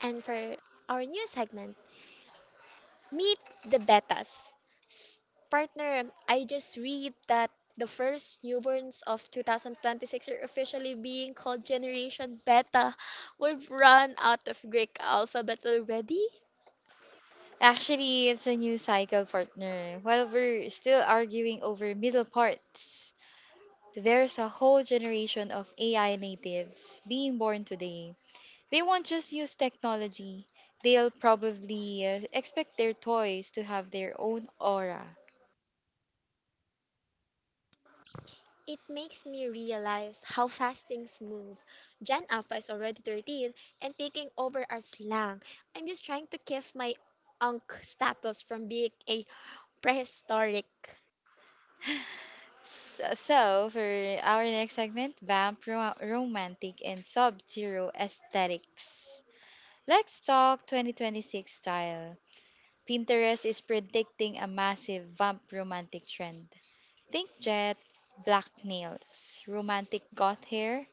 And for our new segment, Meet the betas. S- Partner, I just read that the first newborns of two thousand twenty-six are officially being called Generation Beta. We've run out of Greek alphabet already. Actually, it's a new cycle, partner. While we're still arguing over middle parts, there's a whole generation of A I natives being born today. They won't just use technology, they'll probably uh, expect their toys to have their own aura. It makes me realize how fast things move. Gen Alpha is already thirteen and taking over our slang. I'm just trying to keep my Ankh status from being a prehistoric. S- So, for our next segment, Vamp ro- Romantic and Sub Zero Aesthetics. Let's talk twenty twenty-six style. Pinterest is predicting a massive Vamp Romantic trend. Think jet, black nails, romantic goth hair,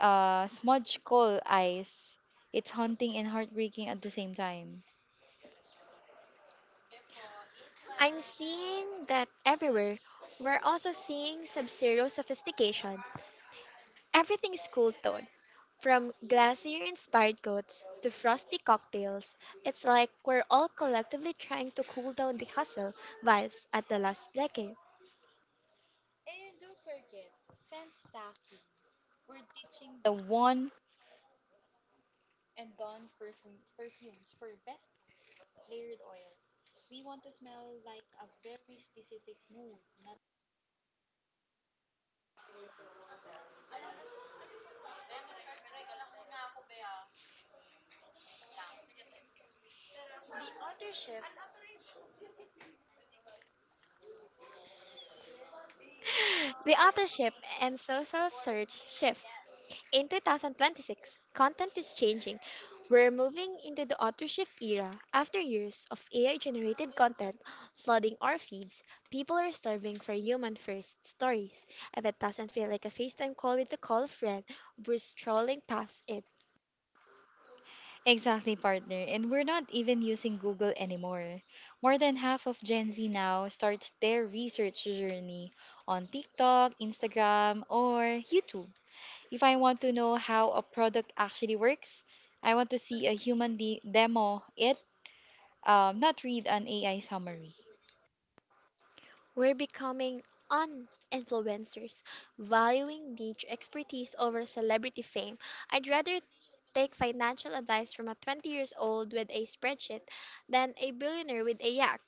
uh, smudge coal eyes. It's haunting and heartbreaking at the same time. I'm seeing that everywhere. We're also seeing sub-zero sophistication. Everything is cool toned, from glacier-inspired coats to frosty cocktails. It's like we're all collectively trying to cool down the hustle vibes at the last decade. The one. <laughs> The authorship and social search shift. In two thousand twenty-six, content is changing. We're moving into the authorship era. After years of A I generated content flooding our feeds, people are starving for human first stories. And that doesn't feel like a FaceTime call with a call friend who's strolling past it. Exactly, partner. And we're not even using Google anymore. More than half of Gen Z now starts their research journey on TikTok, Instagram, or YouTube. If I want to know how a product actually works, I want to see a human de- demo it, um, not read an A I summary. We're becoming un-influencers, valuing niche expertise over celebrity fame. I'd rather take financial advice from a twenty years old with a spreadsheet than a billionaire with a yacht.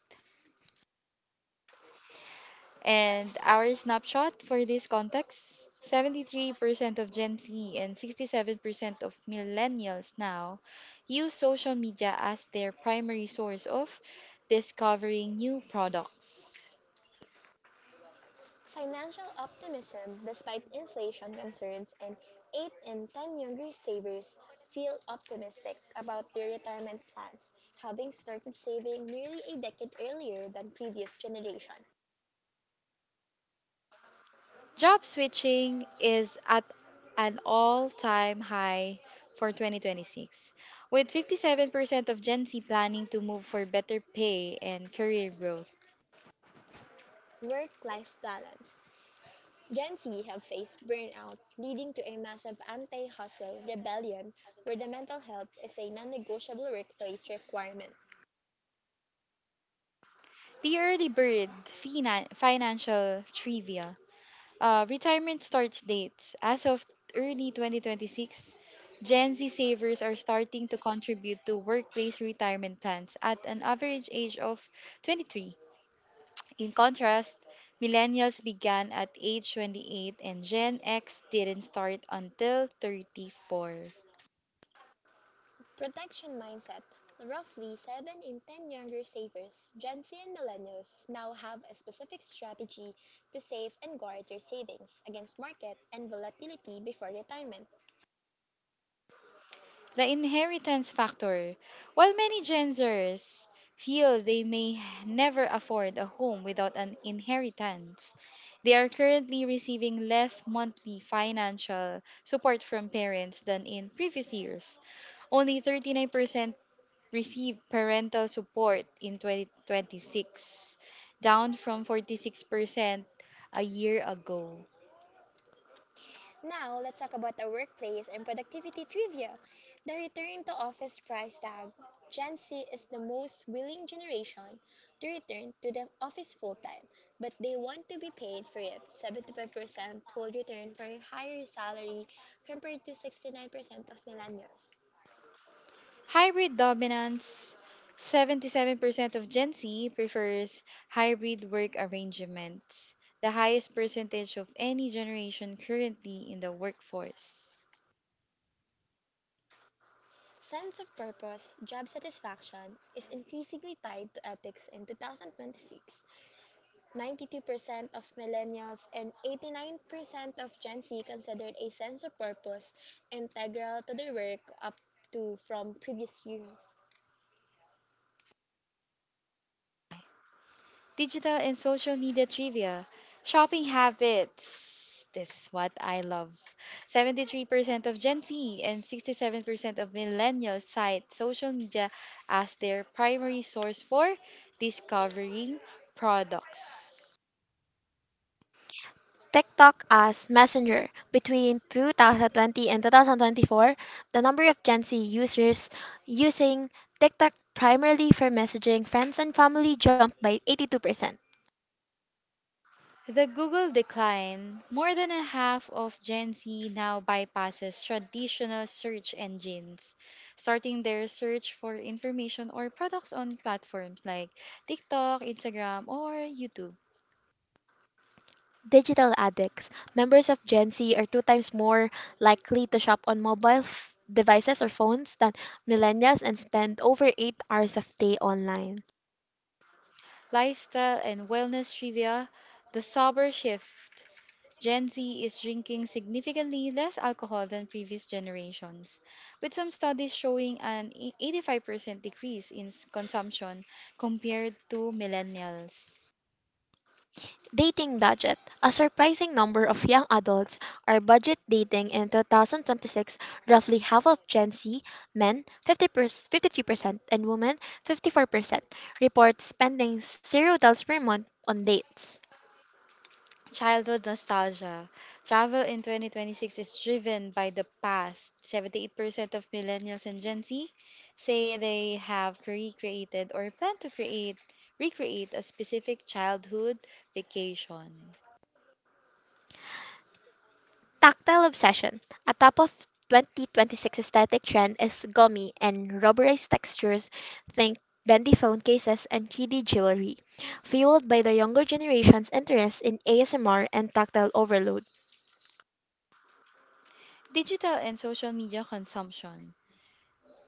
And our snapshot for this context, seventy-three percent of Gen Z and sixty-seven percent of millennials now use social media as their primary source of discovering new products. Financial optimism despite inflation concerns, and eight in ten younger savers feel optimistic about their retirement plans, having started saving nearly a decade earlier than previous generation. Job switching is at an all time high for twenty twenty-six, with fifty-seven percent of Gen Z planning to move for better pay and career growth. Work-life balance. Gen Z have faced burnout, leading to a massive anti-hustle rebellion where the mental health is a non-negotiable workplace requirement. The early bird finan- financial trivia. Uh, retirement starts dates. As of early twenty twenty-six, Gen Z savers are starting to contribute to workplace retirement plans at an average age of twenty-three. In contrast, millennials began at age twenty-eight and Gen X didn't start until thirty-four. Protection mindset. Roughly seven in ten younger savers, Gen Z and Millennials, now have a specific strategy to save and guard their savings against market and volatility before retirement. The inheritance factor. While many Gen Zers feel they may never afford a home without an inheritance, they are currently receiving less monthly financial support from parents than in previous years. Only thirty-nine percent received parental support in twenty twenty-six, down from forty-six percent a year ago. Now, let's talk about our workplace and productivity trivia. The return to office price tag. Gen Z is the most willing generation to return to the office full time, but they want to be paid for it. seventy-five percent will return for a higher salary compared to sixty-nine percent of millennials. Hybrid dominance. seventy-seven percent of Gen Z prefers hybrid work arrangements, the highest percentage of any generation currently in the workforce. Sense of purpose, job satisfaction is increasingly tied to ethics in two thousand twenty-six. ninety-two percent of millennials and eighty-nine percent of Gen Z considered a sense of purpose integral to their work up to from previous years. Digital and social media trivia, shopping habits. This is what I love. seventy-three percent of Gen Z and sixty-seven percent of millennials cite social media as their primary source for discovering products. TikTok as Messenger. Between two thousand twenty and two thousand twenty-four, the number of Gen Z users using TikTok primarily for messaging friends and family jumped by eighty-two percent. The Google decline. More than a half of Gen Z now bypasses traditional search engines, starting their search for information or products on platforms like TikTok, Instagram, or YouTube. Digital addicts. Members of Gen Z are two times more likely to shop on mobile f- devices or phones than millennials and spend over eight hours of day online. Lifestyle and wellness trivia, the sober shift. Gen Z is drinking significantly less alcohol than previous generations, with some studies showing an eighty-five percent decrease in s- consumption compared to millennials. Dating budget. A surprising number of young adults are budget dating in twenty twenty-six. Roughly half of Gen Z men, fifty fifty-three percent, and women, fifty-four percent, report spending zero dollars per month on dates. Childhood nostalgia. Travel in twenty twenty-six is driven by the past. seventy-eight percent of millennials and Gen Z say they have recreated or plan to create recreate a specific childhood vacation. Tactile obsession. A top of twenty twenty-six aesthetic trend is gummy and rubberized textures, think bendy phone cases and three D jewelry, fueled by the younger generation's interest in A S M R and tactile overload. Digital and social media consumption.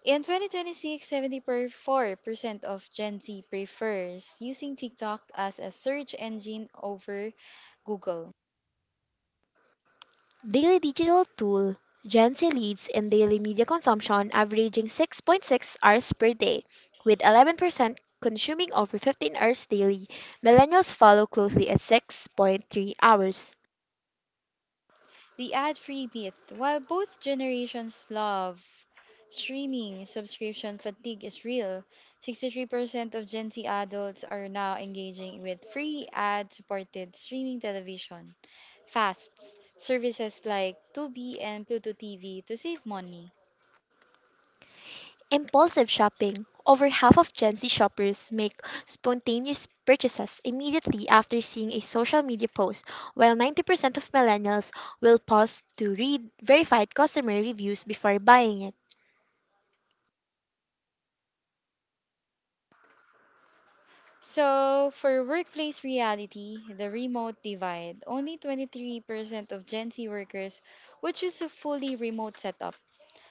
In twenty twenty-six, seventy-four percent of Gen Z prefers using TikTok as a search engine over Google. Daily digital tool Gen Z leads in daily media consumption, averaging six point six hours per day, with eleven percent consuming over fifteen hours daily. Millennials follow closely at six point three hours. The ad free myth. While both generations love streaming, subscription fatigue is real. sixty-three percent of Gen Z adults are now engaging with free ad supported streaming television, fasts, services like Tubi and Pluto T V to save money. Impulsive shopping. Over half of Gen Z shoppers make spontaneous purchases immediately after seeing a social media post, while ninety percent of millennials will pause to read verified customer reviews before buying it. So, for workplace reality, the remote divide, only twenty-three percent of Gen Z workers would choose a fully remote setup,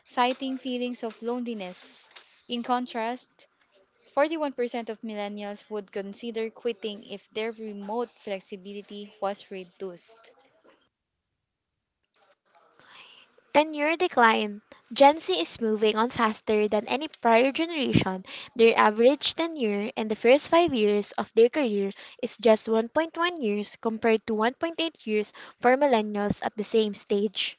citing feelings of loneliness. In contrast, forty-one percent of millennials would consider quitting if their remote flexibility was reduced. Tenure decline. Gen Z is moving on faster than any prior generation. Their average tenure in the first five years of their career is just one point one years compared to one point eight years for millennials at the same stage.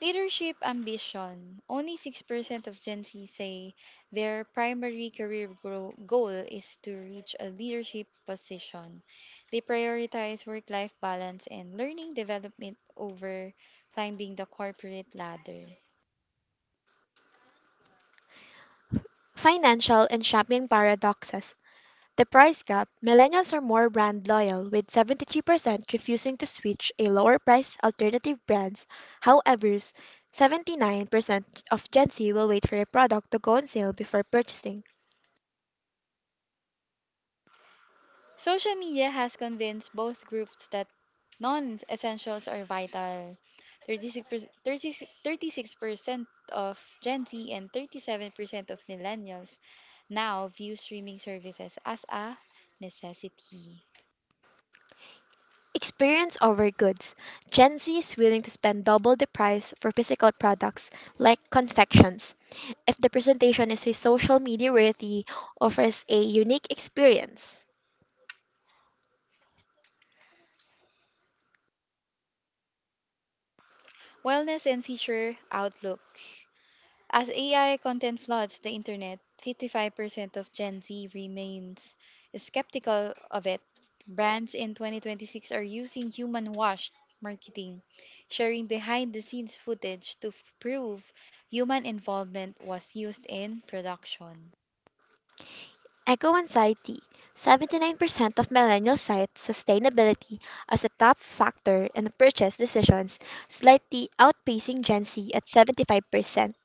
Leadership ambition. Only six percent of Gen Z say their primary career gro- goal is to reach a leadership position. They prioritize work life balance and learning development over climbing the corporate ladder. Financial and shopping paradoxes. The price gap. Millennials are more brand loyal, with seventy-three percent refusing to switch a lower price alternative brands. However, seventy-nine percent of Gen Z will wait for a product to go on sale before purchasing. Social media has convinced both groups that non essentials are vital. 36%, 36 thirty-six percent of Gen Z and thirty-seven percent of millennials now view streaming services as a necessity. Experience over goods. Gen Z is willing to spend double the price for physical products like confections if the presentation is a social media worthy offers a unique experience. Wellness and future outlook. As A I content floods the internet, fifty-five percent of Gen Z remains skeptical of it. Brands in twenty twenty-six are using human washed marketing, sharing behind the scenes footage to f- prove human involvement was used in production. Eco anxiety. seventy-nine percent of millennials cite sustainability as a top factor in purchase decisions, slightly outpacing Gen Z at seventy-five percent.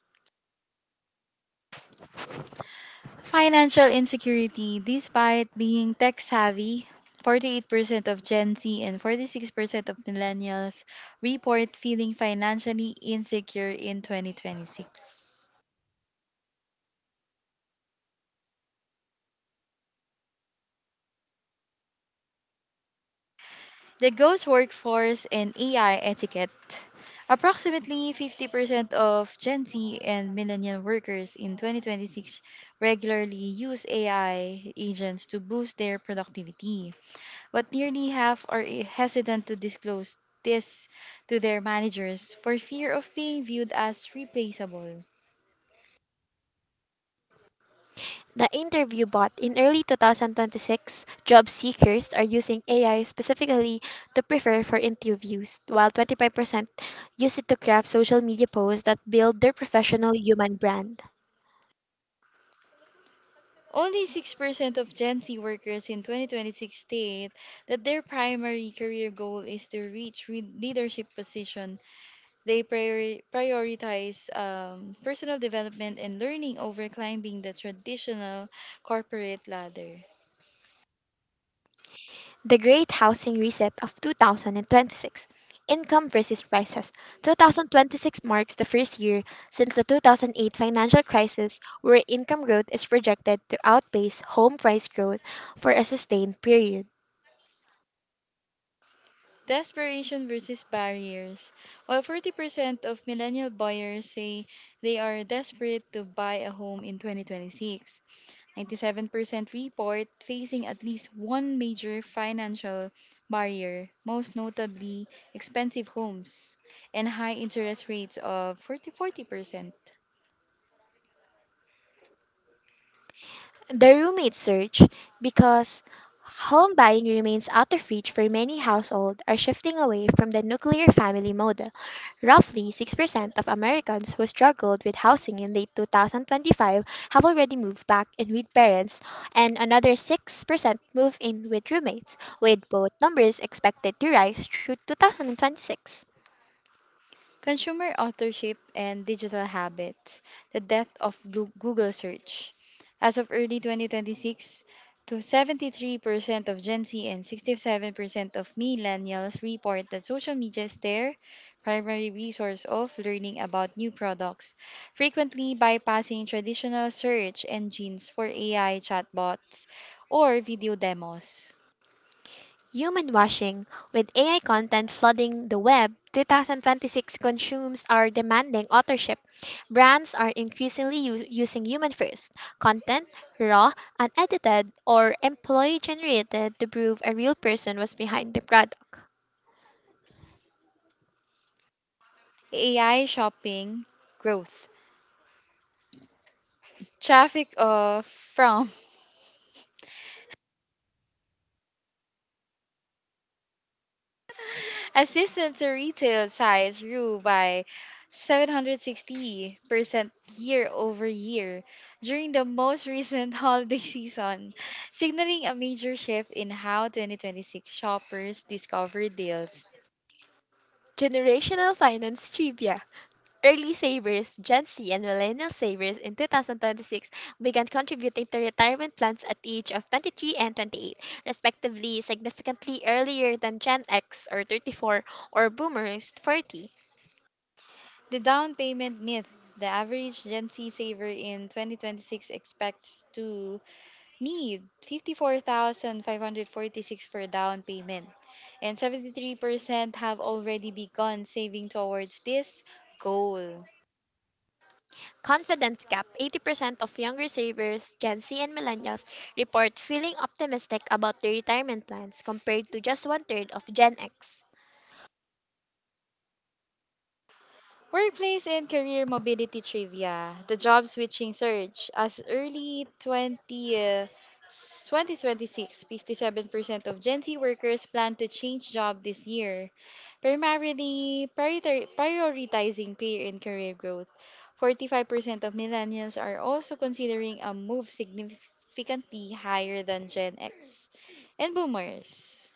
Financial insecurity. Despite being tech savvy, forty-eight percent of Gen Z and forty-six percent of millennials report feeling financially insecure in twenty twenty-six. The ghost workforce and A I etiquette. Approximately fifty percent of Gen Z and millennial workers in twenty twenty-six regularly use A I agents to boost their productivity, but nearly half are i- hesitant to disclose this to their managers for fear of being viewed as replaceable. The interview bot in early two thousand twenty-six, job seekers are using A I specifically to prepare for interviews, while twenty-five percent use it to craft social media posts that build their professional human brand. Only six percent of Gen Z workers in twenty twenty-six state that their primary career goal is to reach re- leadership position. They priori- prioritize um, personal development and learning over climbing the traditional corporate ladder. The Great Housing Reset of twenty twenty-six. Income versus prices. two thousand twenty-six marks the first year since the two thousand eight financial crisis where income growth is projected to outpace home price growth for a sustained period. Desperation versus barriers. While forty percent of millennial buyers say they are desperate to buy a home in twenty twenty-six, ninety-seven percent report facing at least one major financial barrier, most notably expensive homes and high interest rates of forty forty percent. The roommate surge, because home buying remains out of reach for many households, are shifting away from the nuclear family model. Roughly six percent of Americans who struggled with housing in late twenty twenty-five have already moved back in with parents, and another six percent move in with roommates, with both numbers expected to rise through two thousand twenty-six. Consumer authorship and digital habits, the death of Glu- Google search. As of early twenty twenty-six, to seventy-three percent of Gen Z and sixty-seven percent of millennials report that social media is their primary resource of learning about new products, frequently bypassing traditional search engines for A I chatbots or video demos. Human washing, with A I content flooding the web, two thousand twenty-six consumers are demanding authorship. Brands are increasingly u- using human first content, raw, unedited, or employee generated, to prove a real person was behind the product. A I shopping growth. Traffic of from <laughs> Assistance to retail size grew by seven hundred sixty percent year over year during the most recent <laughs> holiday season, signaling a major shift in how twenty twenty-six shoppers discover deals. Generational finance trivia. Early savers, Gen Z and millennial savers in two thousand twenty-six began contributing to retirement plans at the age of twenty-three and twenty-eight, respectively, significantly earlier than Gen X or thirty-four or Boomers forty. The down payment myth. The average Gen Z saver in twenty twenty-six expects to need fifty-four thousand five hundred forty-six for down payment and seventy-three percent have already begun saving towards this goal. Confidence gap eighty percent of younger savers, Gen Z and millennials, report feeling optimistic about their retirement plans compared to just one third of Gen X. Workplace and career mobility trivia. The job switching surge as early twenty uh, twenty twenty-six, fifty-seven percent of Gen Z workers plan to change job this year. Primarily priorita- prioritizing peer and career growth. forty-five percent of millennials are also considering a move, significantly higher than Gen X and boomers.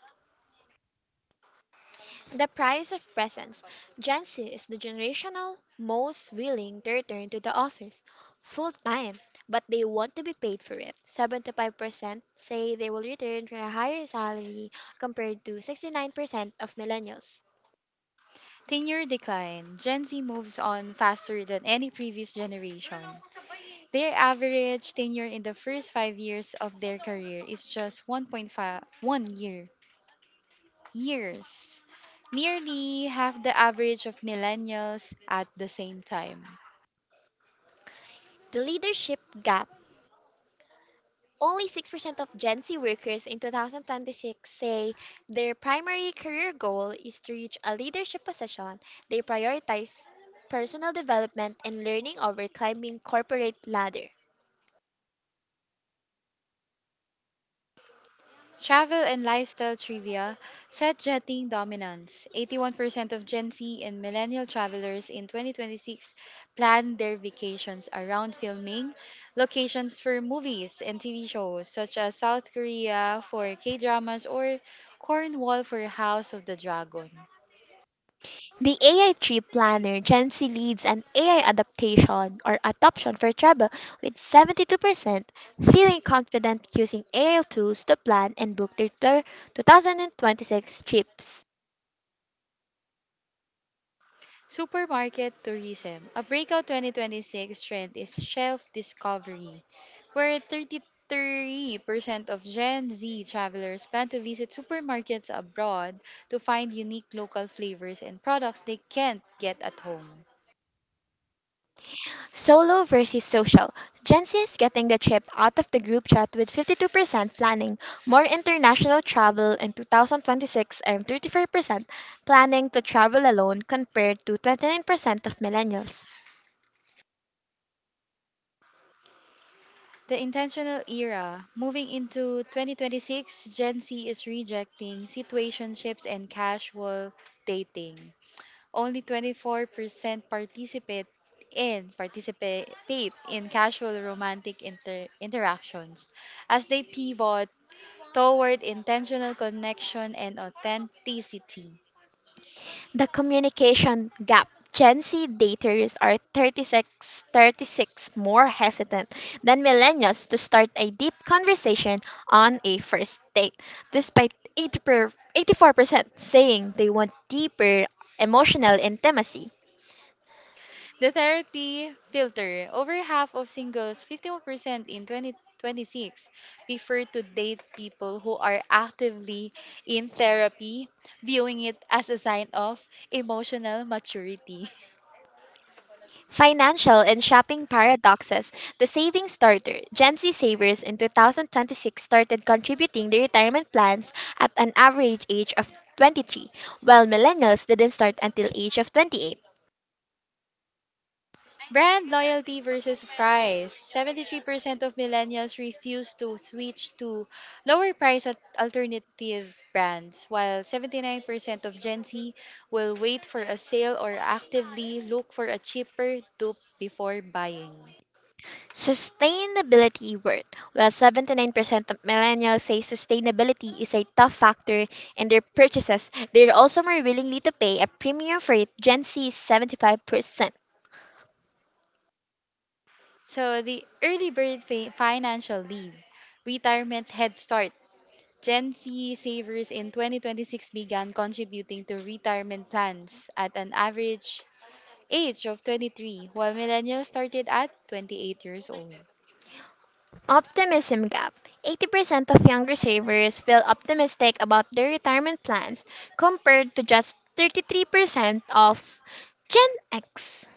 The price of presence. Gen Z is the generational most willing to return to the office full time, but they want to be paid for it. seventy-five percent say they will return for a higher salary compared to sixty-nine percent of millennials. Tenure decline. Gen Z moves on faster than any previous generation. Their average tenure in the first five years of their career is just one point five one year. Years. Nearly half the average of millennials at the same time. The leadership gap. Only six percent of Gen Z workers in two thousand twenty-six say their primary career goal is to reach a leadership position. They prioritize personal development and learning over climbing corporate ladder. Travel and lifestyle trivia, set jetting dominance. eighty-one percent of Gen Z and millennial travelers in twenty twenty-six plan their vacations around filming locations for movies and T V shows, such as South Korea for K dramas or Cornwall for House of the Dragon. The A I Trip Planner Gen Z leads an A I adaptation or adoption for travel with seventy-two percent feeling confident using A I tools to plan and book their tour two thousand twenty-six trips. Supermarket tourism. A breakout twenty twenty-six trend is shelf discovery, where thirty-three percent of Gen Z travelers plan to visit supermarkets abroad to find unique local flavors and products they can't get at home. Solo versus social. Gen Z is getting the trip out of the group chat with fifty-two percent planning more international travel in two thousand twenty-six and thirty-four percent planning to travel alone compared to twenty-nine percent of millennials. The intentional era. Moving into twenty twenty-six, Gen Z is rejecting situationships and casual dating. Only twenty-four percent participate in participate in casual romantic inter- interactions as they pivot toward intentional connection and authenticity. The communication gap. Gen Z daters are thirty-six, thirty-six more hesitant than millennials to start a deep conversation on a first date, despite eighty per, eighty-four percent saying they want deeper emotional intimacy. The therapy filter, over half of singles, fifty-one percent in twenty twenty-six, prefer to date people who are actively in therapy, viewing it as a sign of emotional maturity. Financial and shopping paradoxes. The saving starter. Gen Z savers in twenty twenty-six started contributing their retirement plans at an average age of twenty-three, while millennials didn't start until age of twenty-eight. Brand loyalty versus price. seventy-three percent of millennials refuse to switch to lower price at alternative brands, while seventy-nine percent of Gen Z will wait for a sale or actively look for a cheaper dupe before buying. Sustainability worth. While seventy-nine percent of millennials say sustainability is a tough factor in their purchases, they're also more willingly to pay a premium for it. Gen Z is seventy-five percent. So, the early bird fi- financial leave, retirement head start. Gen Z savers in twenty twenty-six began contributing to retirement plans at an average age of twenty-three, while millennials started at twenty-eight years old. Optimism gap. eighty percent of younger savers feel optimistic about their retirement plans compared to just thirty-three percent of Gen X.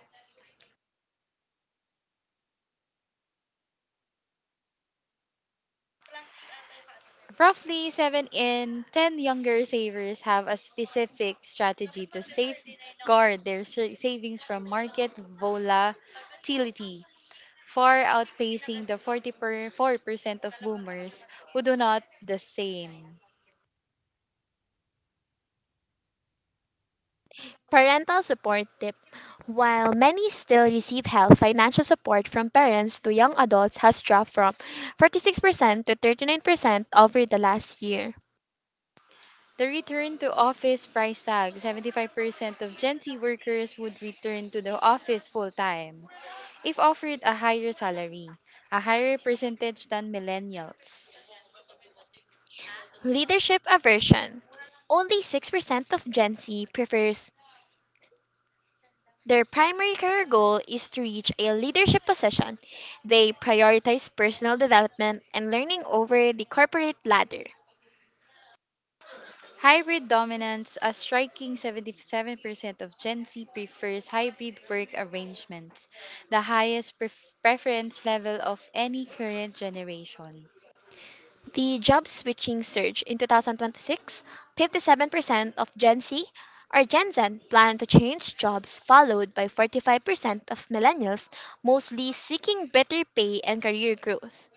Roughly seven in ten younger savers have a specific strategy to safeguard their sa- savings from market volatility, far outpacing the forty-four percent of boomers who do not the same. Parental support tip. While many still receive help, financial support from parents to young adults has dropped from forty-six percent to thirty-nine percent over the last year. The return to office price tag, seventy-five percent of Gen Z workers would return to the office full time if offered a higher salary, a higher percentage than millennials. Leadership aversion. Only six percent of Gen Z prefers their primary career goal is to reach a leadership position. They prioritize personal development and learning over the corporate ladder. Hybrid dominance, a striking seventy-seven percent of Gen Z prefers hybrid work arrangements, the highest pref- preference level of any current generation. The job switching surge in twenty twenty-six, fifty-seven percent of Gen Z or Gen Z plan to change jobs, followed by forty-five percent of millennials, mostly seeking better pay and career growth.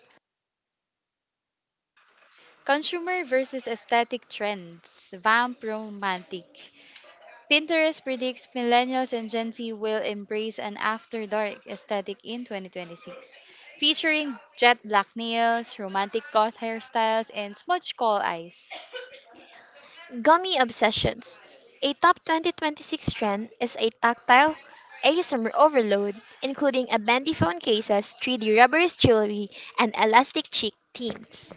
Consumer versus aesthetic trends, vamp romantic. Pinterest predicts millennials and Gen Z will embrace an after dark aesthetic in twenty twenty-six, featuring jet black nails, romantic goth hairstyles, and smudge coal eyes. Gummy obsessions. A top twenty twenty-six trend is a tactile A S M R overload, including a bendy phone cases, three D rubberized jewelry, and elastic cheek themes.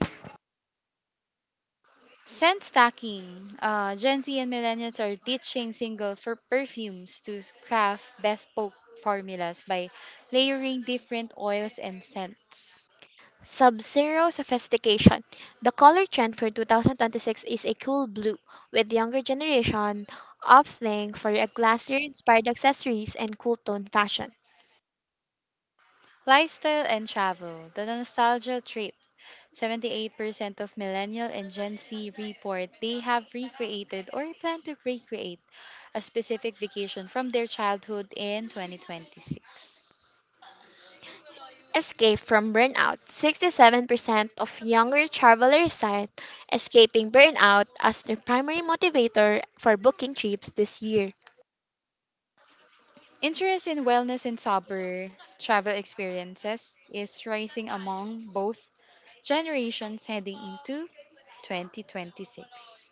Scent stacking. Uh, Gen Z and millennials are ditching single for perfumes to craft bespoke formulas by layering different oils and scents. Sub-zero sophistication. The color trend for two thousand twenty-six is a cool blue, with younger generation opting for a glassier-inspired accessories and cool tone fashion. Lifestyle and travel. The nostalgia trip. seventy-eight percent of millennial and Gen Z report they have recreated or plan to recreate a specific vacation from their childhood in twenty twenty-six. Escape from burnout. sixty-seven percent of younger travelers cite escaping burnout as their primary motivator for booking trips this year. Interest in wellness and sober travel experiences is rising among both generations heading into twenty twenty-six.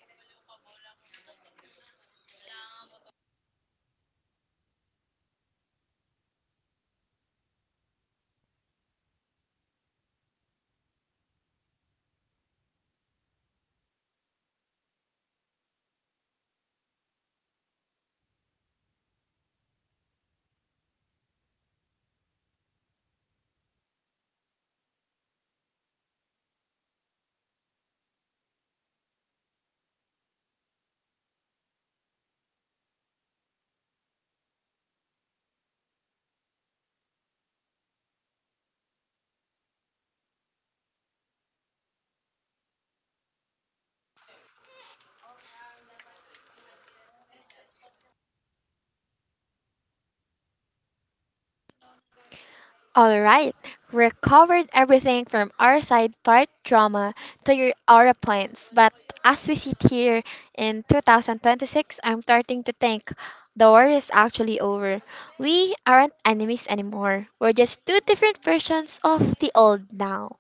All right, we covered everything from our side part drama to your aura points. But as we sit here in two thousand twenty-six, I'm starting to think the war is actually over. We aren't enemies anymore. We're just two different versions of the old now.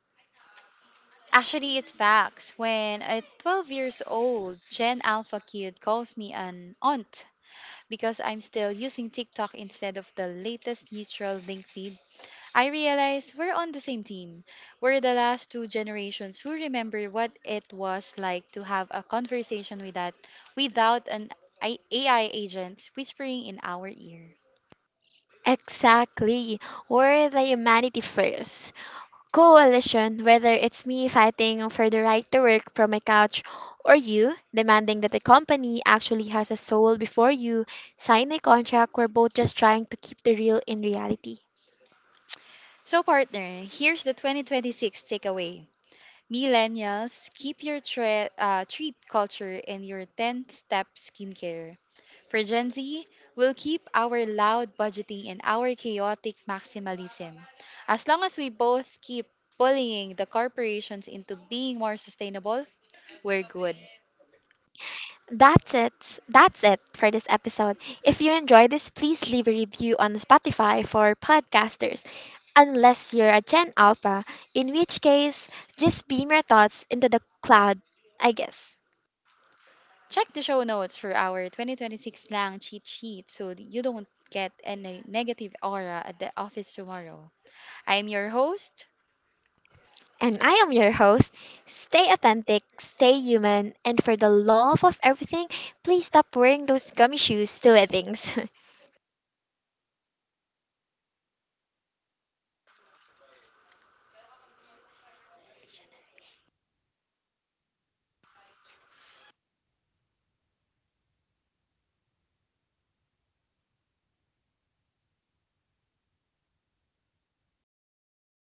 Actually, it's facts. When a twelve years old Gen Alpha kid calls me an aunt because I'm still using TikTok instead of the latest neutral link feed, I realize we're on the same team. We're the last two generations who remember what it was like to have a conversation with that without an I- A I agent whispering in our ear. Exactly. We're the humanity first coalition, whether it's me fighting for the right to work from my couch or you demanding that the company actually has a soul before you sign a contract, we're both just trying to keep the real in reality. So, partner, here's the twenty twenty-six takeaway. Millennials, keep your tre- uh, treat culture in your ten step skincare. For Gen Z, we'll keep our loud budgeting and our chaotic maximalism. As long as we both keep bullying the corporations into being more sustainable, we're good. That's it. That's it for this episode. If you enjoyed this, please leave a review on Spotify for podcasters, unless you're a Gen Alpha, in which case, just beam your thoughts into the cloud, I guess. Check the show notes for our twenty twenty-six slang cheat sheet so that you don't get any negative aura at the office tomorrow. I'm your host, And I am your host. Stay authentic, stay human, and for the love of everything, please stop wearing those gummy shoes to weddings. <laughs>